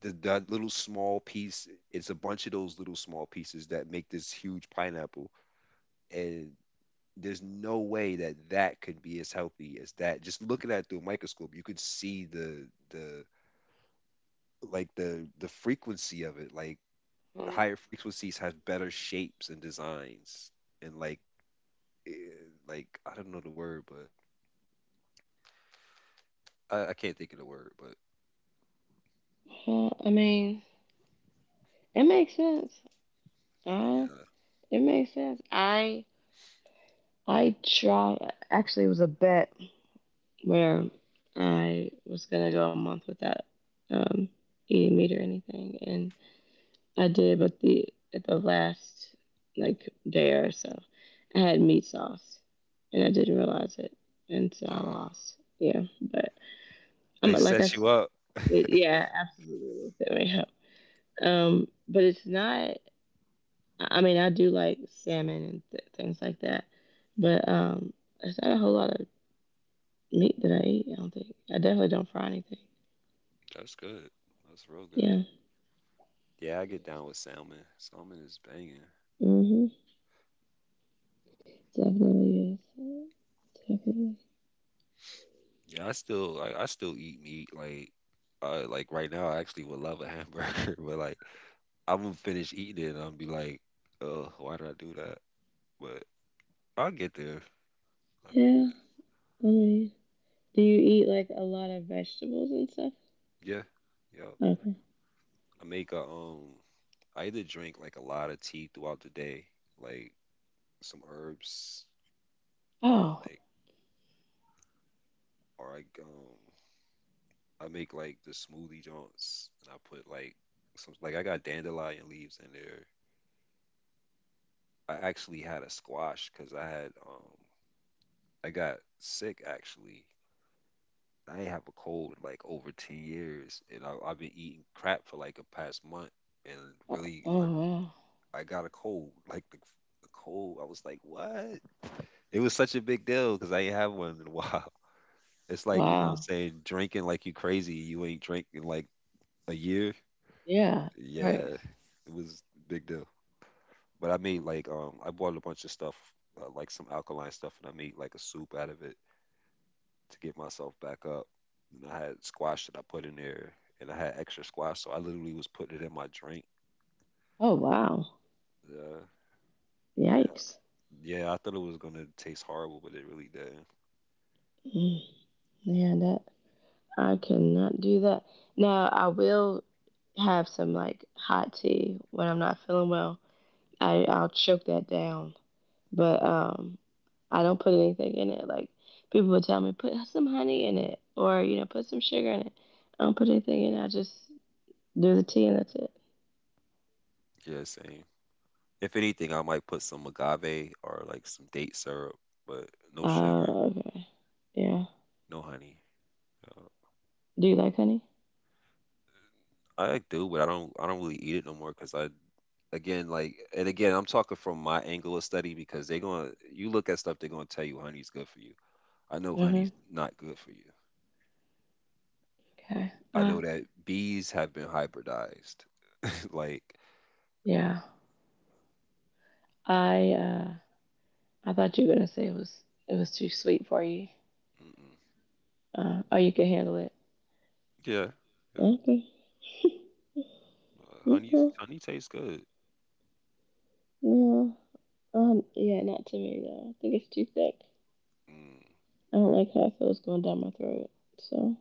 S1: the that little small piece, it's a bunch of those little small pieces that make this huge pineapple. And there's no way that that could be as healthy as that. Just looking at it through a microscope, you could see the the like the the frequency of it. Like higher frequencies have better shapes and designs. And like eh, like I don't know the word, but I, I can't think of the word, but
S2: Well, I mean, it makes sense. Uh,
S1: yeah.
S2: it makes sense. I I try. Actually, it was a bet where I was gonna go a month without um eating meat or anything, and I did. But the at the last like day or so, I had meat sauce, and I didn't realize it, and so I
S1: Uh,
S2: lost. Yeah, but
S1: they
S2: I'm like
S1: set
S2: I
S1: you
S2: said,
S1: up.
S2: it, yeah, absolutely it's may help. Um, but it's not. I I mean, I do like salmon and th- things like that, but um, it's not a whole lot of meat that I eat. I don't think. I definitely don't fry anything.
S1: That's good. That's real good.
S2: Yeah.
S1: Yeah, I get down with salmon. Salmon is banging.
S2: Mhm. Definitely is. Definitely.
S1: Yeah, I still I, I still eat meat like uh like right now I actually would love a hamburger, but like I'm gonna finish eating it and I'll be like, oh, why did I do that? But I'll get there. I'll get,
S2: Yeah. I mean, do you eat like a lot of vegetables and stuff?
S1: yeah, yeah.
S2: Okay.
S1: I make a, um I either drink like a lot of tea throughout the day, like some herbs, or
S2: Oh.
S1: like, or I, um I make like the smoothie joints, and I put like some, like I got dandelion leaves in there. I actually had a squash because I had, um I got sick actually. I ain't have a cold in like over ten years, and I, I've been eating crap for like a past month, and
S2: Oh.
S1: really
S2: Oh
S1: like
S2: wow.
S1: I got a cold like the, the cold. I was like, what? It was such a big deal because I ain't have one in a while. It's like, you know,
S2: Wow.
S1: saying drinking like you crazy, you ain't drinking like a year.
S2: Yeah.
S1: Yeah,
S2: Right.
S1: it was a big deal. But I made like, um I bought a bunch of stuff, uh, like some alkaline stuff, and I made like a soup out of it to get myself back up. And I had squash that I put in there, and I had extra squash so I literally was putting it in my drink.
S2: Oh wow.
S1: Uh,
S2: Yikes.
S1: yeah, I thought it was gonna taste horrible, but it really didn't.
S2: Mm, yeah. That I cannot do that. Now I will have some like hot tea when I'm not feeling well. I I'll choke that down, but um, I don't put anything in it. Like people would tell me, put some honey in it, or you know, put some sugar in it. I don't put anything in. It. I just do the tea and that's it.
S1: Yeah, same. If anything, I might put some agave or like some date syrup, but no sugar,
S2: Uh, okay, yeah.
S1: no honey. Uh,
S2: Do you like honey?
S1: I do, but I don't. I don't really eat it no more because I, again, like, and again, I'm talking from my angle of study because they're going to, you look at stuff, they're going to tell you honey's good for you. I know
S2: Mhm.
S1: honey's not good for you.
S2: Okay.
S1: I
S2: Uh,
S1: know that bees have been hybridized like
S2: yeah. I uh, I thought you were gonna say it was it was too sweet for you.
S1: mm-mm.
S2: Uh, oh, you can handle it.
S1: Yeah, yeah.
S2: Okay.
S1: Uh, honey's,
S2: Okay.
S1: honey tastes good.
S2: Yeah. Um. Yeah. Not to me though. I think it's too thick.
S1: Mm.
S2: I don't like how it feels going down my throat. So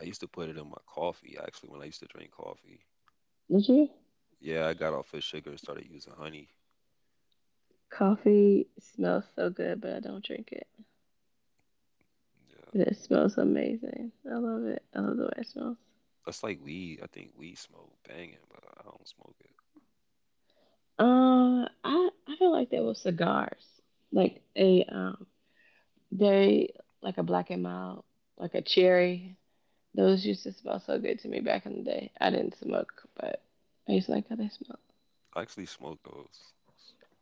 S1: I used to put it in my coffee, actually, when I used to drink coffee.
S2: did you?
S1: Yeah, I got off of sugar and started using honey.
S2: Coffee smells so good, but I don't drink it. But
S1: Yeah,
S2: it smells amazing. I love it. I love the way it smells.
S1: that's like weed. I think weed smoke banging, but I don't smoke it.
S2: Uh, I I feel like there was cigars, like a um, they like a black and mild, like a cherry. Those used to smell so good to me back in the day. I didn't smoke, but I used to like how they smell.
S1: I actually smoke those.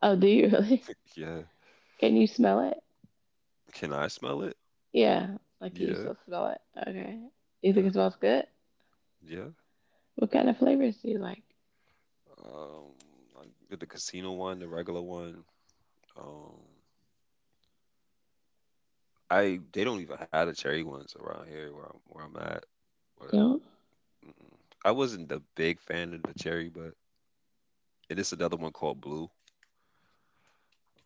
S2: Oh, do you really?
S1: Like, yeah.
S2: Can you smell it?
S1: Can I smell it?
S2: Yeah, like you
S1: Yeah,
S2: still smell it. Okay. Do you
S1: yeah,
S2: think it smells good?
S1: yeah.
S2: What kind of flavors do you like?
S1: Um, I did the casino one, the regular one. Um, I They don't even have the cherry ones around here where I'm, where I'm at.
S2: You
S1: But
S2: know,
S1: mm-mm. I wasn't the big fan of the cherry, but it is another one called blue.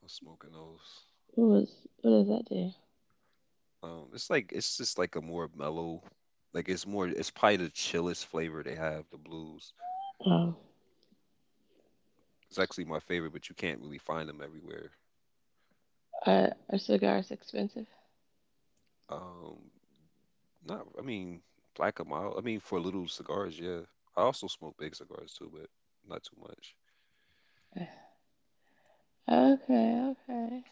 S1: I'm smoking those.
S2: what was what does that do?
S1: Um, it's like it's just like a more mellow, like it's more. It's probably the chillest flavor they have. The blues.
S2: Oh,
S1: It's actually my favorite, but you can't really find them everywhere.
S2: are, are cigars expensive?
S1: Um, Not, I mean, like a mile. I mean, for little cigars, yeah. I also smoke big cigars too, but not too much.
S2: Okay, okay,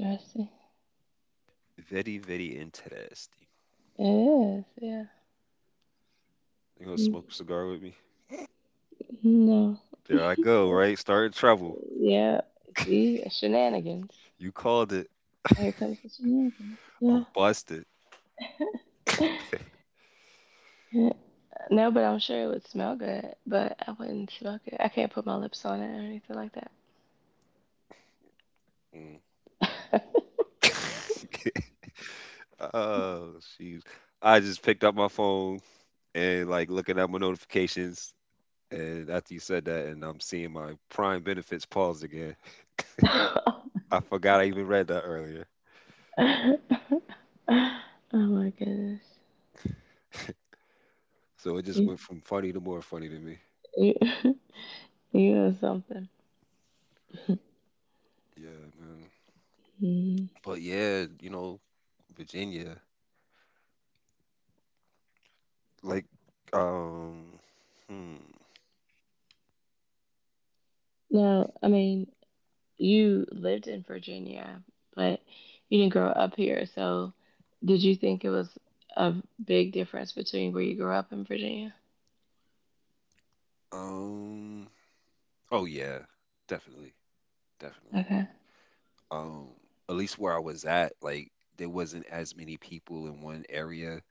S2: interesting.
S1: Very, very interesting.
S2: It is, yeah.
S1: You gonna
S2: Mm,
S1: smoke a cigar with me?
S2: no,
S1: There I go, right? Starting trouble.
S2: yeah. See, shenanigans.
S1: You called it.
S2: Here comes the shenanigans.
S1: I'm busted.
S2: Yeah. No, but I'm sure it would smell good, but I wouldn't smoke it. I can't put my lips on it or anything like
S1: Mm. Oh, jeez. I just picked up my phone and like looking at my notifications. And after you said that, and I'm seeing my prime benefits paused again.
S2: that.
S1: I forgot I even read that earlier.
S2: Oh my goodness.
S1: So it just
S2: You,
S1: went from funny to more funny to me.
S2: you, you know something.
S1: Yeah, man.
S2: Mhm.
S1: But yeah, you know, Virginia, like, um, hmm,
S2: No, I mean, you lived in Virginia, but you didn't grow up here. So did you think it was a big difference between where you grew up in Virginia?
S1: um, oh yeah, definitely, definitely.
S2: Okay.
S1: Um, at least where I was at, like, there wasn't as many people in one area.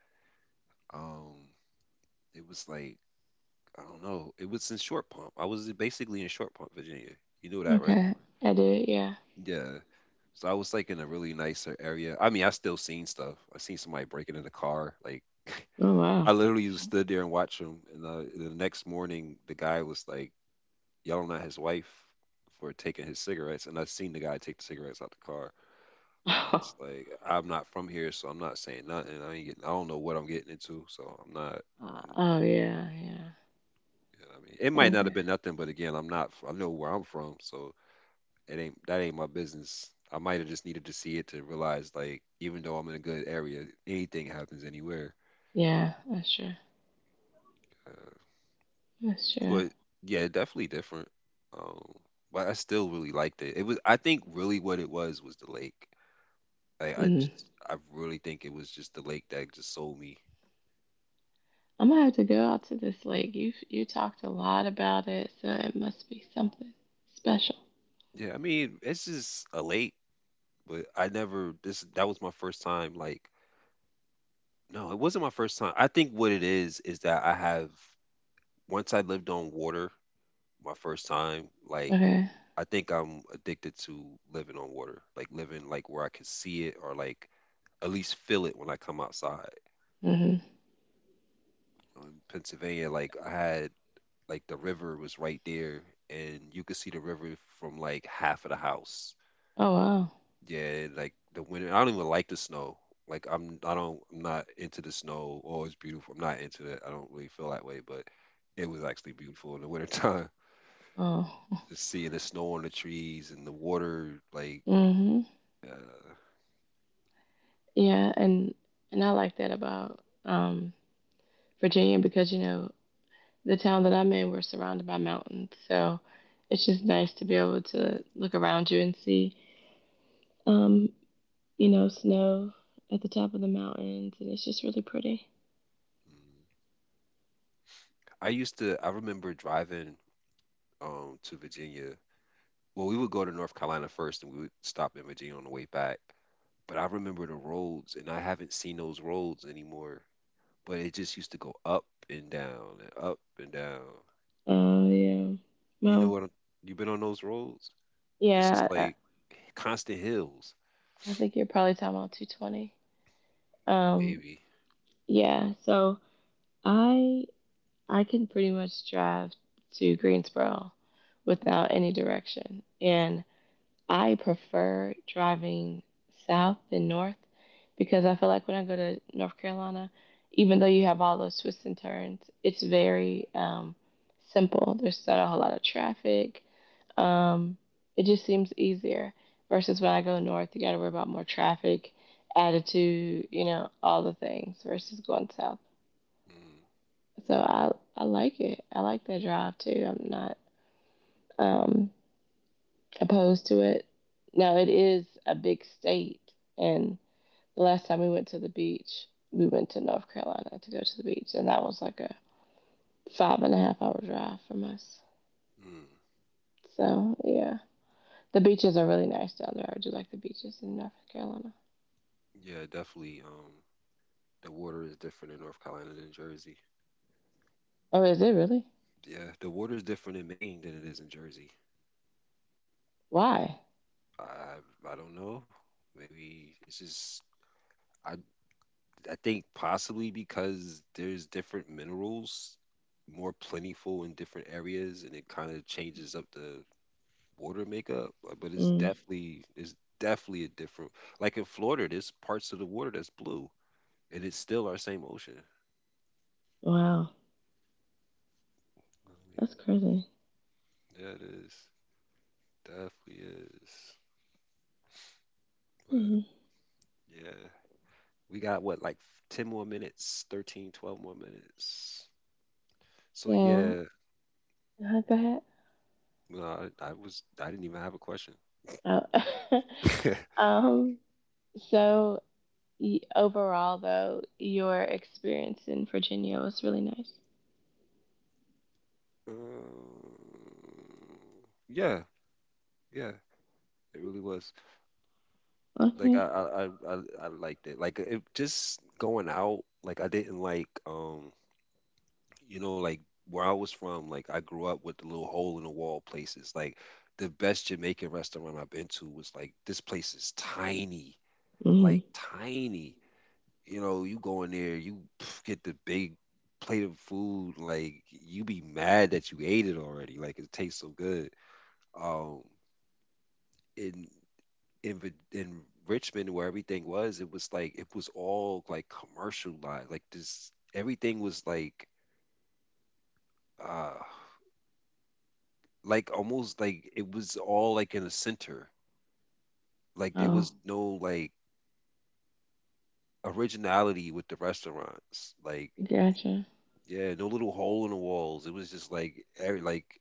S1: Um, it was like, I don't know, it was in Short Pump. I was basically in Short Pump, Virginia. You know that, right?
S2: Okay. I did, yeah.
S1: Yeah. So I was like in a really nicer area. I mean, I still seen stuff. I seen somebody breaking in the car, like
S2: Oh, wow.
S1: I literally just stood there and watched him. And uh, the next morning, the guy was like yelling at his wife for taking his cigarettes. And I seen the guy take the cigarettes out the car. And I'm just like, I'm not from here, so I'm not saying nothing. I ain't getting, I don't know what I'm getting into, so I'm not. You
S2: Oh, yeah, yeah.
S1: know what I mean, it might not have been
S2: Okay.
S1: nothing, but again, I'm not. f- I am not, I know where I'm from, so it ain't, that ain't my business. I might have just needed to see it to realize, like, even though I'm in a good area, anything happens anywhere.
S2: Yeah, that's true.
S1: Uh,
S2: That's true.
S1: But yeah, definitely different. Um, but I still really liked it. It was, I think, really what it was was the lake. Like I
S2: Mm.
S1: just, I really think it was just the lake that just sold me.
S2: I'm gonna have to go out to this lake. You you talked a lot about it, so it must be something special.
S1: Yeah, I mean, it's just a lake, but I never this that was my first time like no, it wasn't my first time. I think what it is is that I have once I lived on water my first time, like
S2: Okay.
S1: I think I'm addicted to living on water, like living like where I can see it or like at least feel it when I come outside.
S2: Mhm.
S1: In Pennsylvania, like I had like the river was right there, and you could see the river from like half of the house.
S2: Oh wow.
S1: Yeah, like the winter. I don't even like the snow. Like I'm, I don't, I'm not into the snow. Oh, it's beautiful. I'm not into that. I don't really feel that way, but it was actually beautiful in the wintertime.
S2: Oh.
S1: Just seeing the snow on the trees and the water, like.
S2: Mhm.
S1: Uh, mm.
S2: Yeah, and and I like that about um Virginia because you know the town that I'm in we're surrounded by mountains, so it's just nice to be able to look around you and see um you know snow at the top of the mountains, and it's just really pretty.
S1: I used to. I remember driving um to Virginia. Well, we would go to North Carolina first, and we would stop in Virginia on the way back. But I remember the roads, and I haven't seen those roads anymore. But it just used to go up and down and up and down.
S2: Oh yeah.
S1: You know
S2: Well,
S1: what? I'm- You've been on those roads. It's
S2: yeah.
S1: just
S2: I,
S1: like constant hills,
S2: I think you're probably talking about two twenty. Um,
S1: baby.
S2: yeah, so I I can pretty much drive to Greensboro without any direction, and I prefer driving south than north because I feel like when I go to North Carolina, even though you have all those twists and turns, it's very um, simple. There's not a whole lot of traffic. Um, it just seems easier versus when I go north, you got to worry about more traffic, attitude, you know, all the things versus going south.
S1: Mm,
S2: So I I like it. I like that drive too. I'm not um, opposed to it. Now it is a big state, and the last time we went to the beach, we went to North Carolina to go to the beach, and that was like a five and a half hour drive from us.
S1: mm.
S2: So yeah, the beaches are really nice down there. I do like the beaches in North Carolina.
S1: Yeah, definitely. Um, the water is different in North Carolina than Jersey.
S2: Oh, is it really?
S1: Yeah, the water is different in Maine than it is in Jersey.
S2: Why?
S1: I I don't know. Maybe it's just I I think possibly because there's different minerals more plentiful in different areas, and it kind of changes up the water makeup, uh, but it's
S2: Mm,
S1: definitely it's definitely a different, like in Florida, there's parts of the water that's blue and it's still our same ocean.
S2: wow,
S1: I
S2: that's
S1: mean,
S2: crazy.
S1: yeah, it is. Definitely is. But
S2: Mhm.
S1: yeah, we got what like ten more minutes, thirteen, twelve more minutes. So
S2: So,
S1: yeah,
S2: uh, go ahead.
S1: no, I, I was I didn't even have a question.
S2: Oh. um, so y- overall, though, your experience in Virginia was really nice.
S1: Um, yeah, yeah, it really was. Like I,
S2: Okay.
S1: I, I, I I liked it. Like it just going out. Like I didn't like, um, you know, like where I was from. Like I grew up with the little hole in the wall places. Like the best Jamaican restaurant I've been to was like, this place is tiny,
S2: Hmm.
S1: like tiny. You know, you go in there, you get the big plate of food. Like you be mad that you ate it already. Like it tastes so good. Um, in in Vir- in Richmond where everything was, it was like it was all like commercialized. Like this, everything was like uh like almost like it was all like in a center. Like there
S2: Oh,
S1: was no like originality with the restaurants. Like
S2: gotcha.
S1: yeah, no little hole in the walls. It was just like every, like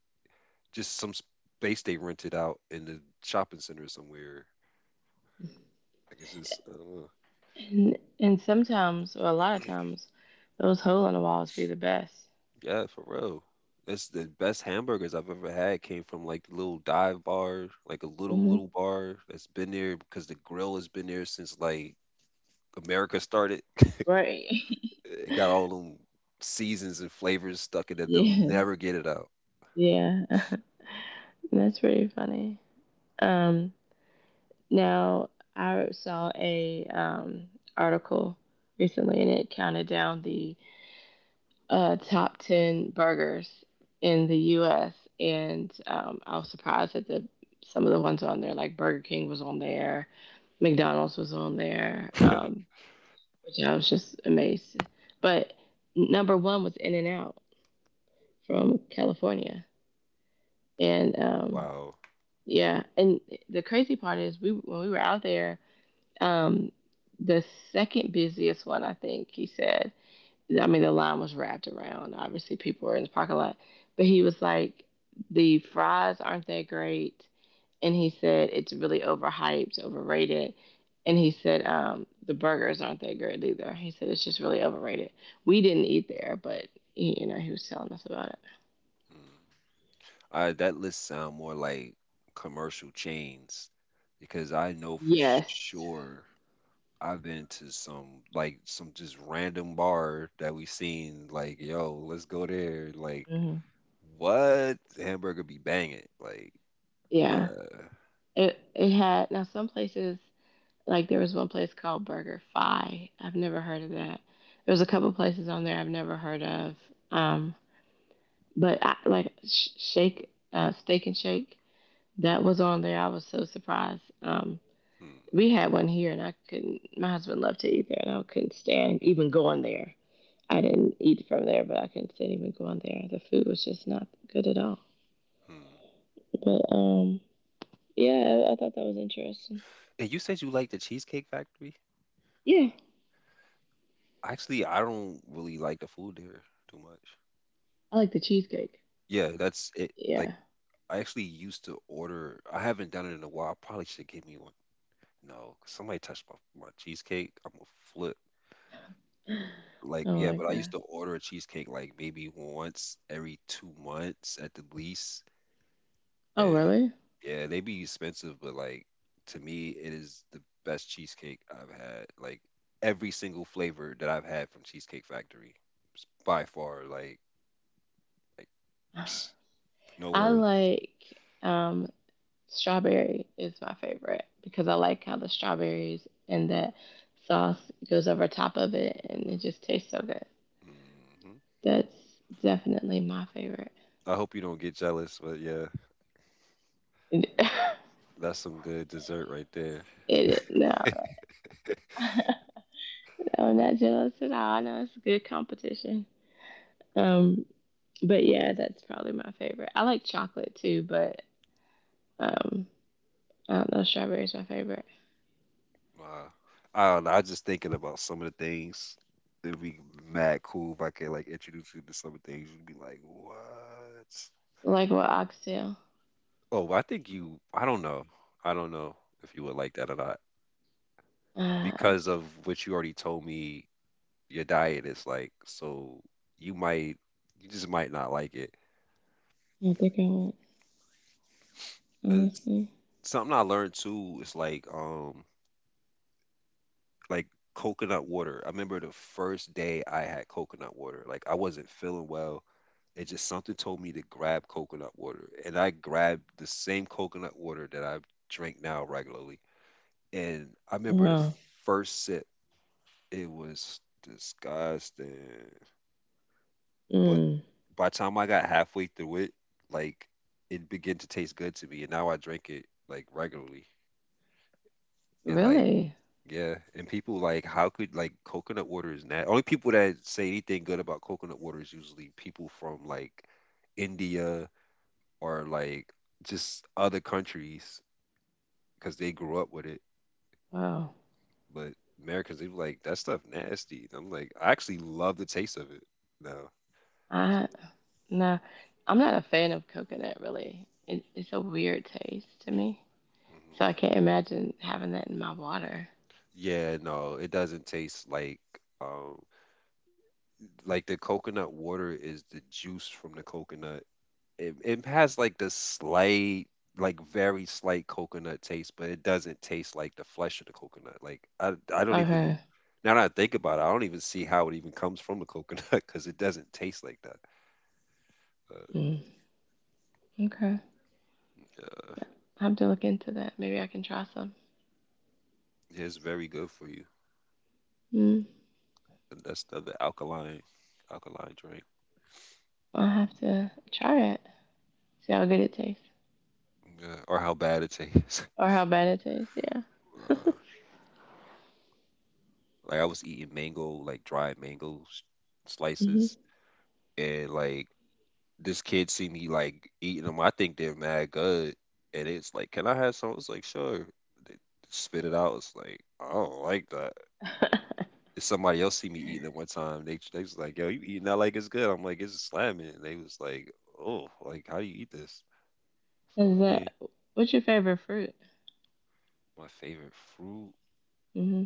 S1: just some space they rented out in the shopping center somewhere. Like it's just I don't know.
S2: And and sometimes, or a lot of times, those hole in the walls be the best.
S1: Yeah, for real. That's the best hamburgers I've ever had, came from like the little dive bar, like a little
S2: Hmm.
S1: little bar that's been there because the grill has been there since like America started.
S2: Right.
S1: It got all them seasons and flavors stuck in it. They'll
S2: Yes.
S1: never get it out.
S2: Yeah. That's pretty funny. Um, Now, I saw a um, article recently, and it counted down the uh, top ten burgers in the U S. And um, I was surprised that the some of the ones on there, like Burger King, was on there, McDonald's was on there, um, which I was just amazed. But number one was In n Out from California, and um,
S1: Wow.
S2: yeah, and the crazy part is we when we were out there um, the second busiest one, I think he said. I mean, the line was wrapped around. Obviously, people were in the parking lot, but he was like, "The fries aren't that great," and he said it's really overhyped, overrated. And he said um, the burgers aren't that great either. He said it's just really overrated. We didn't eat there, but you know, he was telling us about it.
S1: Mm. I, that list sound more like commercial chains because I know for
S2: Yes.
S1: sure I've been to some, like some just random bar that we seen like, yo, let's go there. Like,
S2: Hmm.
S1: what? The hamburger be banging. Like,
S2: Yeah.
S1: yeah.
S2: It it had now some places like there was one place called Burger Fi. I've never heard of that. There was a couple places on there I've never heard of. Um, but I, like Shake, uh, Steak and Shake, that was on there. I was so surprised. Um,
S1: Hmm.
S2: we had one here, and I couldn't. My husband loved to eat there, and I couldn't stand even going there. I didn't eat from there, but I couldn't stand even going there. The food was just not good at all.
S1: Hmm.
S2: But um, yeah, I, I thought that was interesting.
S1: And you said you like the Cheesecake Factory?
S2: Yeah,
S1: Actually, I don't really like the food there too much.
S2: I like the cheesecake.
S1: Yeah, that's it. Like,
S2: Yeah.
S1: I actually used to order. I haven't done it in a while. I probably should give me one. No, 'cause somebody touched my, my cheesecake, I'm gonna flip. Like,
S2: Oh
S1: yeah,
S2: my
S1: but I used
S2: god.
S1: to order a cheesecake like maybe once every two months at the least.
S2: Oh
S1: And
S2: really?
S1: yeah, they be expensive, but like to me, it is the best cheesecake I've had. Like every single flavor that I've had from Cheesecake Factory, s- by far. Like, like no
S2: I
S1: words.
S2: like um, strawberry is my favorite because I like how the strawberries and that sauce goes over top of it and it just tastes so good.
S1: Hmm.
S2: That's definitely my favorite.
S1: I hope you don't get jealous, but yeah,
S2: it
S1: that's some good dessert right there.
S2: No, no, I'm not jealous at all. I know it's a good competition. Um, but yeah, that's probably my favorite. I like chocolate too, but um, I don't know, strawberry is my favorite.
S1: Wow. I don't know. I was just thinking about some of the things. It'd be mad cool if I could like introduce you to some of the things. You'd be like, what?
S2: Like what, oxtail?
S1: Oh, I think you. I don't know. I don't know if you would like that or not
S2: Uh, I
S1: because of what you already told me. Your diet is like so. You might. You just might not like it.
S2: think I went
S1: Uh, s-
S2: honestly.
S1: Something I learned too is like um like coconut water. I remember the first day I had coconut water. Like I wasn't feeling well and just something told me to grab coconut water. And I grabbed the same coconut water that I drink now regularly. And I remember the
S2: Oh,
S1: first sip, it was disgusting. But
S2: mm,
S1: by the time I got halfway through it, like it began to taste good to me. And now I drink it like regularly. And like,
S2: really?
S1: yeah. And people like, how could like coconut water is not, only people that say anything good about coconut water is usually people from like India or like just other countries because they grew up with it.
S2: Wow.
S1: But Americans, they be like that stuff nasty. And I'm like, I actually love the taste of it. No.
S2: I nah, I'm not a fan of coconut really. It, it's a weird taste to me.
S1: Hmm.
S2: So I can't imagine having that in my water.
S1: Yeah, no, it doesn't taste like um like, the coconut water is the juice from the coconut. It it has like the slight, like very slight coconut taste, but it doesn't taste like the flesh of the coconut. Like I I don't even,
S2: Okay.
S1: now that I think about it, I don't even see how it even comes from the coconut because it doesn't taste like that. But
S2: Mm, okay.
S1: uh,
S2: Yeah, I have to look into that. Maybe I can try some.
S1: yeah, it's very good for you.
S2: Mm,
S1: And that's another alkaline alkaline drink.
S2: I'll have to try it. See how good it tastes
S1: Yeah. Or how bad it tastes.
S2: or how bad it tastes. Yeah.
S1: Uh, like I was eating mango, like dried mango s- slices,
S2: Hmm.
S1: and like this kid see me like eating them. I think they're mad good, and it's like, can I have some? I was like, sure. They spit it out. It's like, I don't like that. If somebody else see me eating it one time, They they was like, yo, you eating that like it's good. I'm like, it's slamming. And they was like, oh, like how do you eat this? So
S2: Is
S1: I mean,
S2: that, what's your favorite fruit?
S1: my favorite fruit?
S2: Hmm.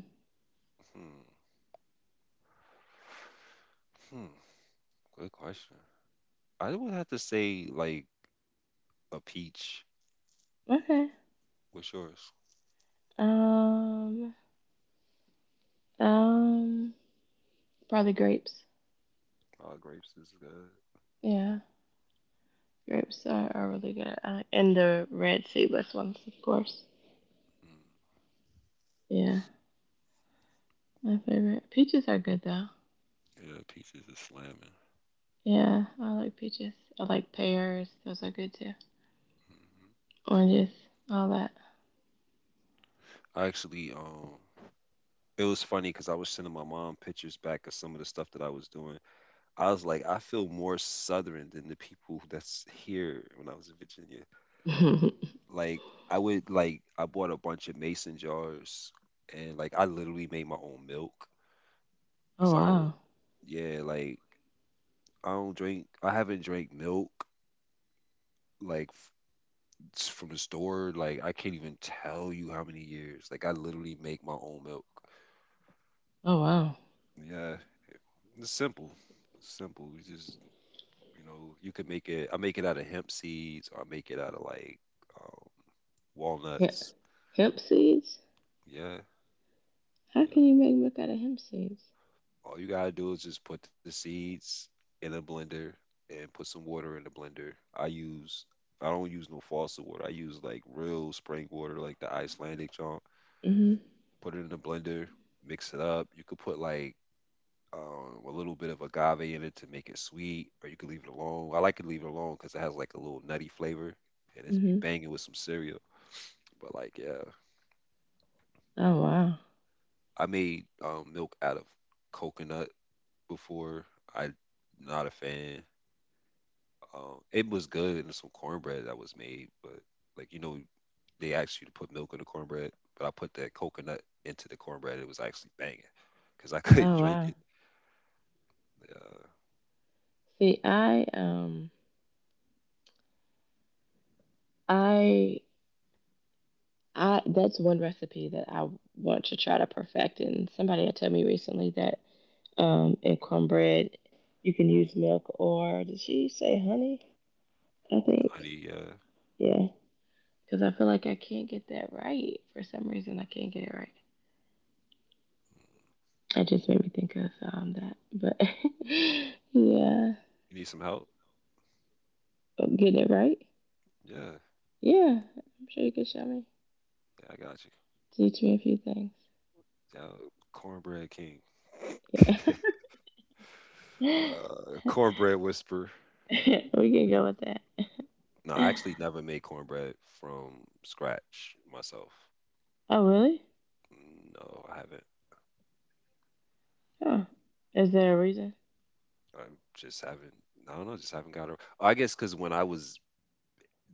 S1: Hmm. Hmm. Good question. I would have to say like a peach.
S2: Okay.
S1: What's yours?
S2: Um. Um. Probably grapes.
S1: Oh, grapes is good.
S2: Yeah. Grapes are, are really good. I, like, and the red seedless ones, of course.
S1: Mm.
S2: Yeah, my favorite. Peaches are good though.
S1: Yeah, peaches is slamming.
S2: Yeah, I like peaches. I like pears. Those are good too.
S1: Hmm.
S2: Oranges, all that.
S1: I actually, um, it was funny because I was sending my mom pictures back of some of the stuff that I was doing. I was like, I feel more Southern than the people that's here when I was in Virginia. Like, I would like, I bought a bunch of mason jars, and like, I literally made my own milk.
S2: Oh
S1: So
S2: wow.
S1: yeah, like I don't drink. I haven't drank milk like f- s- from the store. Like I can't even tell you how many years. Like I literally make my own milk.
S2: Oh wow.
S1: Yeah, it's simple. It's simple. You just, you know you can make it. I make it out of hemp seeds or I make it out of like um,
S2: Hemp,
S1: walnuts.
S2: hemp seeds?
S1: Yeah,
S2: How
S1: yeah.
S2: can you make milk out of hemp seeds?
S1: All you gotta do is just put the seeds in a blender and put some water in the blender. I use, I don't use no faucet water. I use like real spring water, like the Icelandic junk.
S2: Mhm.
S1: Put it in the blender, mix it up. You could put like um, a little bit of agave in it to make it sweet, or you could leave it alone. I like to leave it alone because it has like a little nutty flavor, and it's be
S2: Mhm.
S1: banging with some cereal. But like, yeah,
S2: Oh wow.
S1: I made um, milk out of coconut before. I not a fan. Um, it was good and some cornbread that was made, but like you know, they asked you to put milk in the cornbread, but I put that coconut into the cornbread. It was actually banging because I couldn't
S2: Oh
S1: drink
S2: wow.
S1: it. Uh,
S2: See, I um I I that's one recipe that I want to try to perfect and somebody had told me recently that um, and cornbread. You can use milk or did she say honey? I think.
S1: Honey, uh,
S2: Yeah. Because I feel like I can't get that right. For some reason, I can't get it right. It just made me think of um, that. But yeah.
S1: you need some help?
S2: But get it right?
S1: Yeah,
S2: Yeah. I'm sure you can show me.
S1: yeah, I got you.
S2: Teach me a few things.
S1: Yeah, cornbread king.
S2: Yeah.
S1: Uh, cornbread whisper.
S2: We can go with that.
S1: No, I actually never made cornbread from scratch myself.
S2: Oh, really?
S1: No, I haven't.
S2: Huh. Is there a reason?
S1: I just haven't. I don't know. Just haven't got. ar- I guess because when I was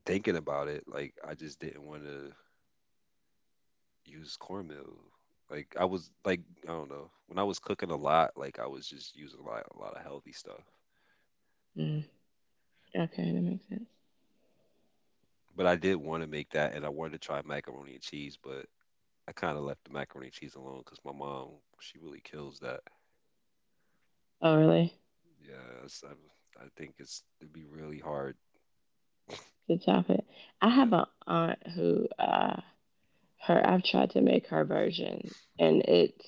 S1: thinking about it, like I just didn't want to use cornmeal. Like I was like, I don't know, when I was cooking a lot, like I was just using a lot a lot of healthy stuff.
S2: Mm. Okay, that makes sense.
S1: But I did want to make that, and I wanted to try macaroni and cheese, but I kind of left the macaroni and cheese alone because my mom, she really kills that.
S2: Oh, really?
S1: Yeah, it's, I, I think it's it'd be really hard.
S2: To top it. I
S1: Yeah,
S2: have an aunt who uh her I've tried to make her version and it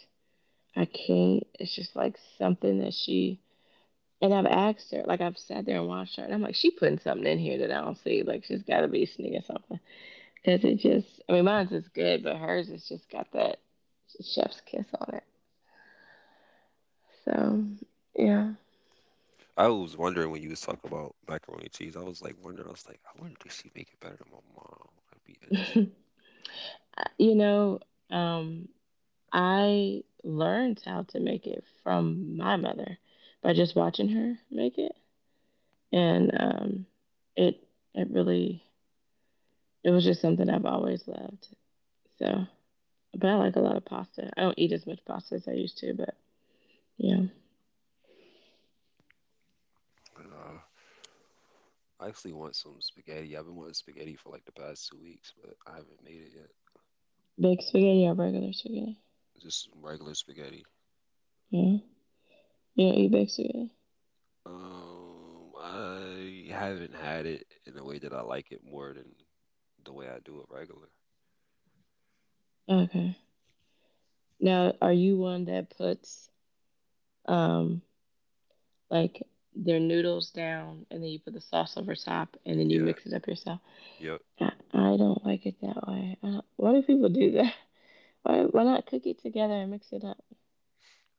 S2: I can't it's just like something that she and I've asked her, like I've sat there and watched her, and I'm like, she putting something in here that I don't see. Like she's got to be sneaking something, because it just, I mean, mine's is good, but hers has just got that chef's kiss on it. So yeah,
S1: I was wondering when you was talking about macaroni and cheese, I was like wondering, I was like, I wonder does she make it better than my mom? That'd be interesting.
S2: you know, um, I learned how to make it from my mother by just watching her make it, and um, it it really it was just something I've always loved. So, but I
S1: Mm,
S2: like a lot of pasta. I don't eat as much pasta as I used to, but yeah,
S1: but, uh, I actually want some spaghetti. I've been wanting spaghetti for like the past two weeks, but I haven't made it yet.
S2: baked spaghetti or regular spaghetti.
S1: Just regular spaghetti.
S2: Yeah, you don't eat baked spaghetti.
S1: Um, I haven't had it in a way that I like it more than the way I do it regular.
S2: Okay. Now, are you one that puts um like their noodles down and then you put the sauce over top and then you
S1: Yeah,
S2: mix it up yourself?
S1: yep.
S2: I, I don't like it that way. I don't, why do people do that? Why why not cook it together and mix it up?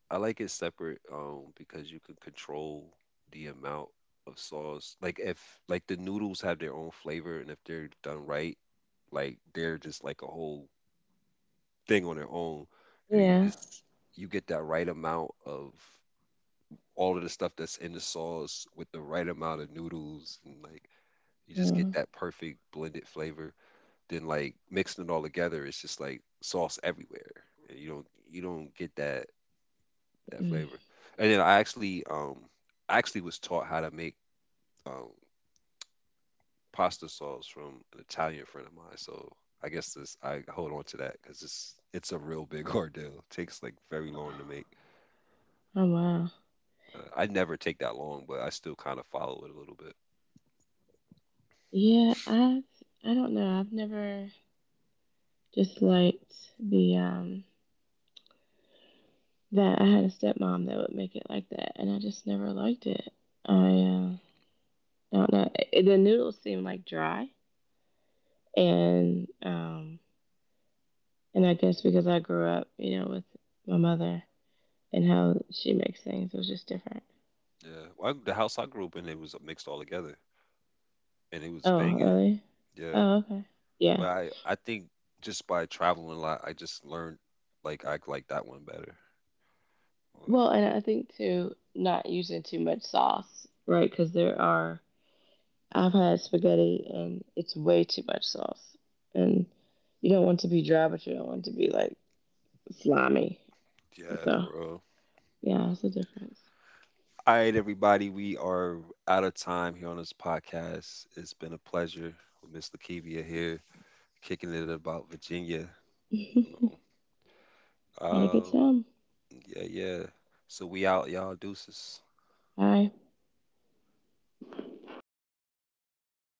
S1: I like it separate, um, because you can control the amount of sauce. Like if like the noodles have their own flavor, and if they're done right, like they're just like a whole thing on their own, and you
S2: Yeah.
S1: just you get that right amount of all of the stuff that's in the sauce with the right amount of noodles, and like you just get
S2: Mm.
S1: that perfect blended flavor. Then like mixing it all together, it's just like sauce everywhere. And you don't you don't get that that
S2: Mm.
S1: flavor. And then I actually um I actually was taught how to make um pasta sauce from an Italian friend of mine. So I guess this, I hold on to that because it's it's a real big ordeal. It takes like very long to make.
S2: Oh wow.
S1: Uh, I never take that long, but I still kind of follow it a little.
S2: Yeah, I've I don't know. I've never just liked the um that I had a stepmom that would make it like that, and I just never liked it. I uh, I don't know. It, the noodles seemed like dry, and um and I guess because I grew up, you know, with my mother and how she makes things, it was just different.
S1: Yeah, well, I- the house I grew up in, it was mixed all together, and it was
S2: Oh,
S1: banging.
S2: really?
S1: Yeah,
S2: Oh, okay. Yeah.
S1: but I I think just by traveling a lot, I just learned like I like that one better. Well,
S2: Well, and I think too, not using too much sauce, right? Because there are, I've had spaghetti and it's way too much sauce. And you don't want to be dry, but you don't want to be like slimy.
S1: yeah,
S2: So,
S1: for real.
S2: yeah, it's a difference.
S1: All right, everybody, we are out of time here on this podcast. It's been a pleasure with Miss Lakivia here, kicking it about Virginia. You know,
S2: Had a good
S1: uh,
S2: time.
S1: yeah, yeah. So we out, y'all. Deuces.
S2: Bye.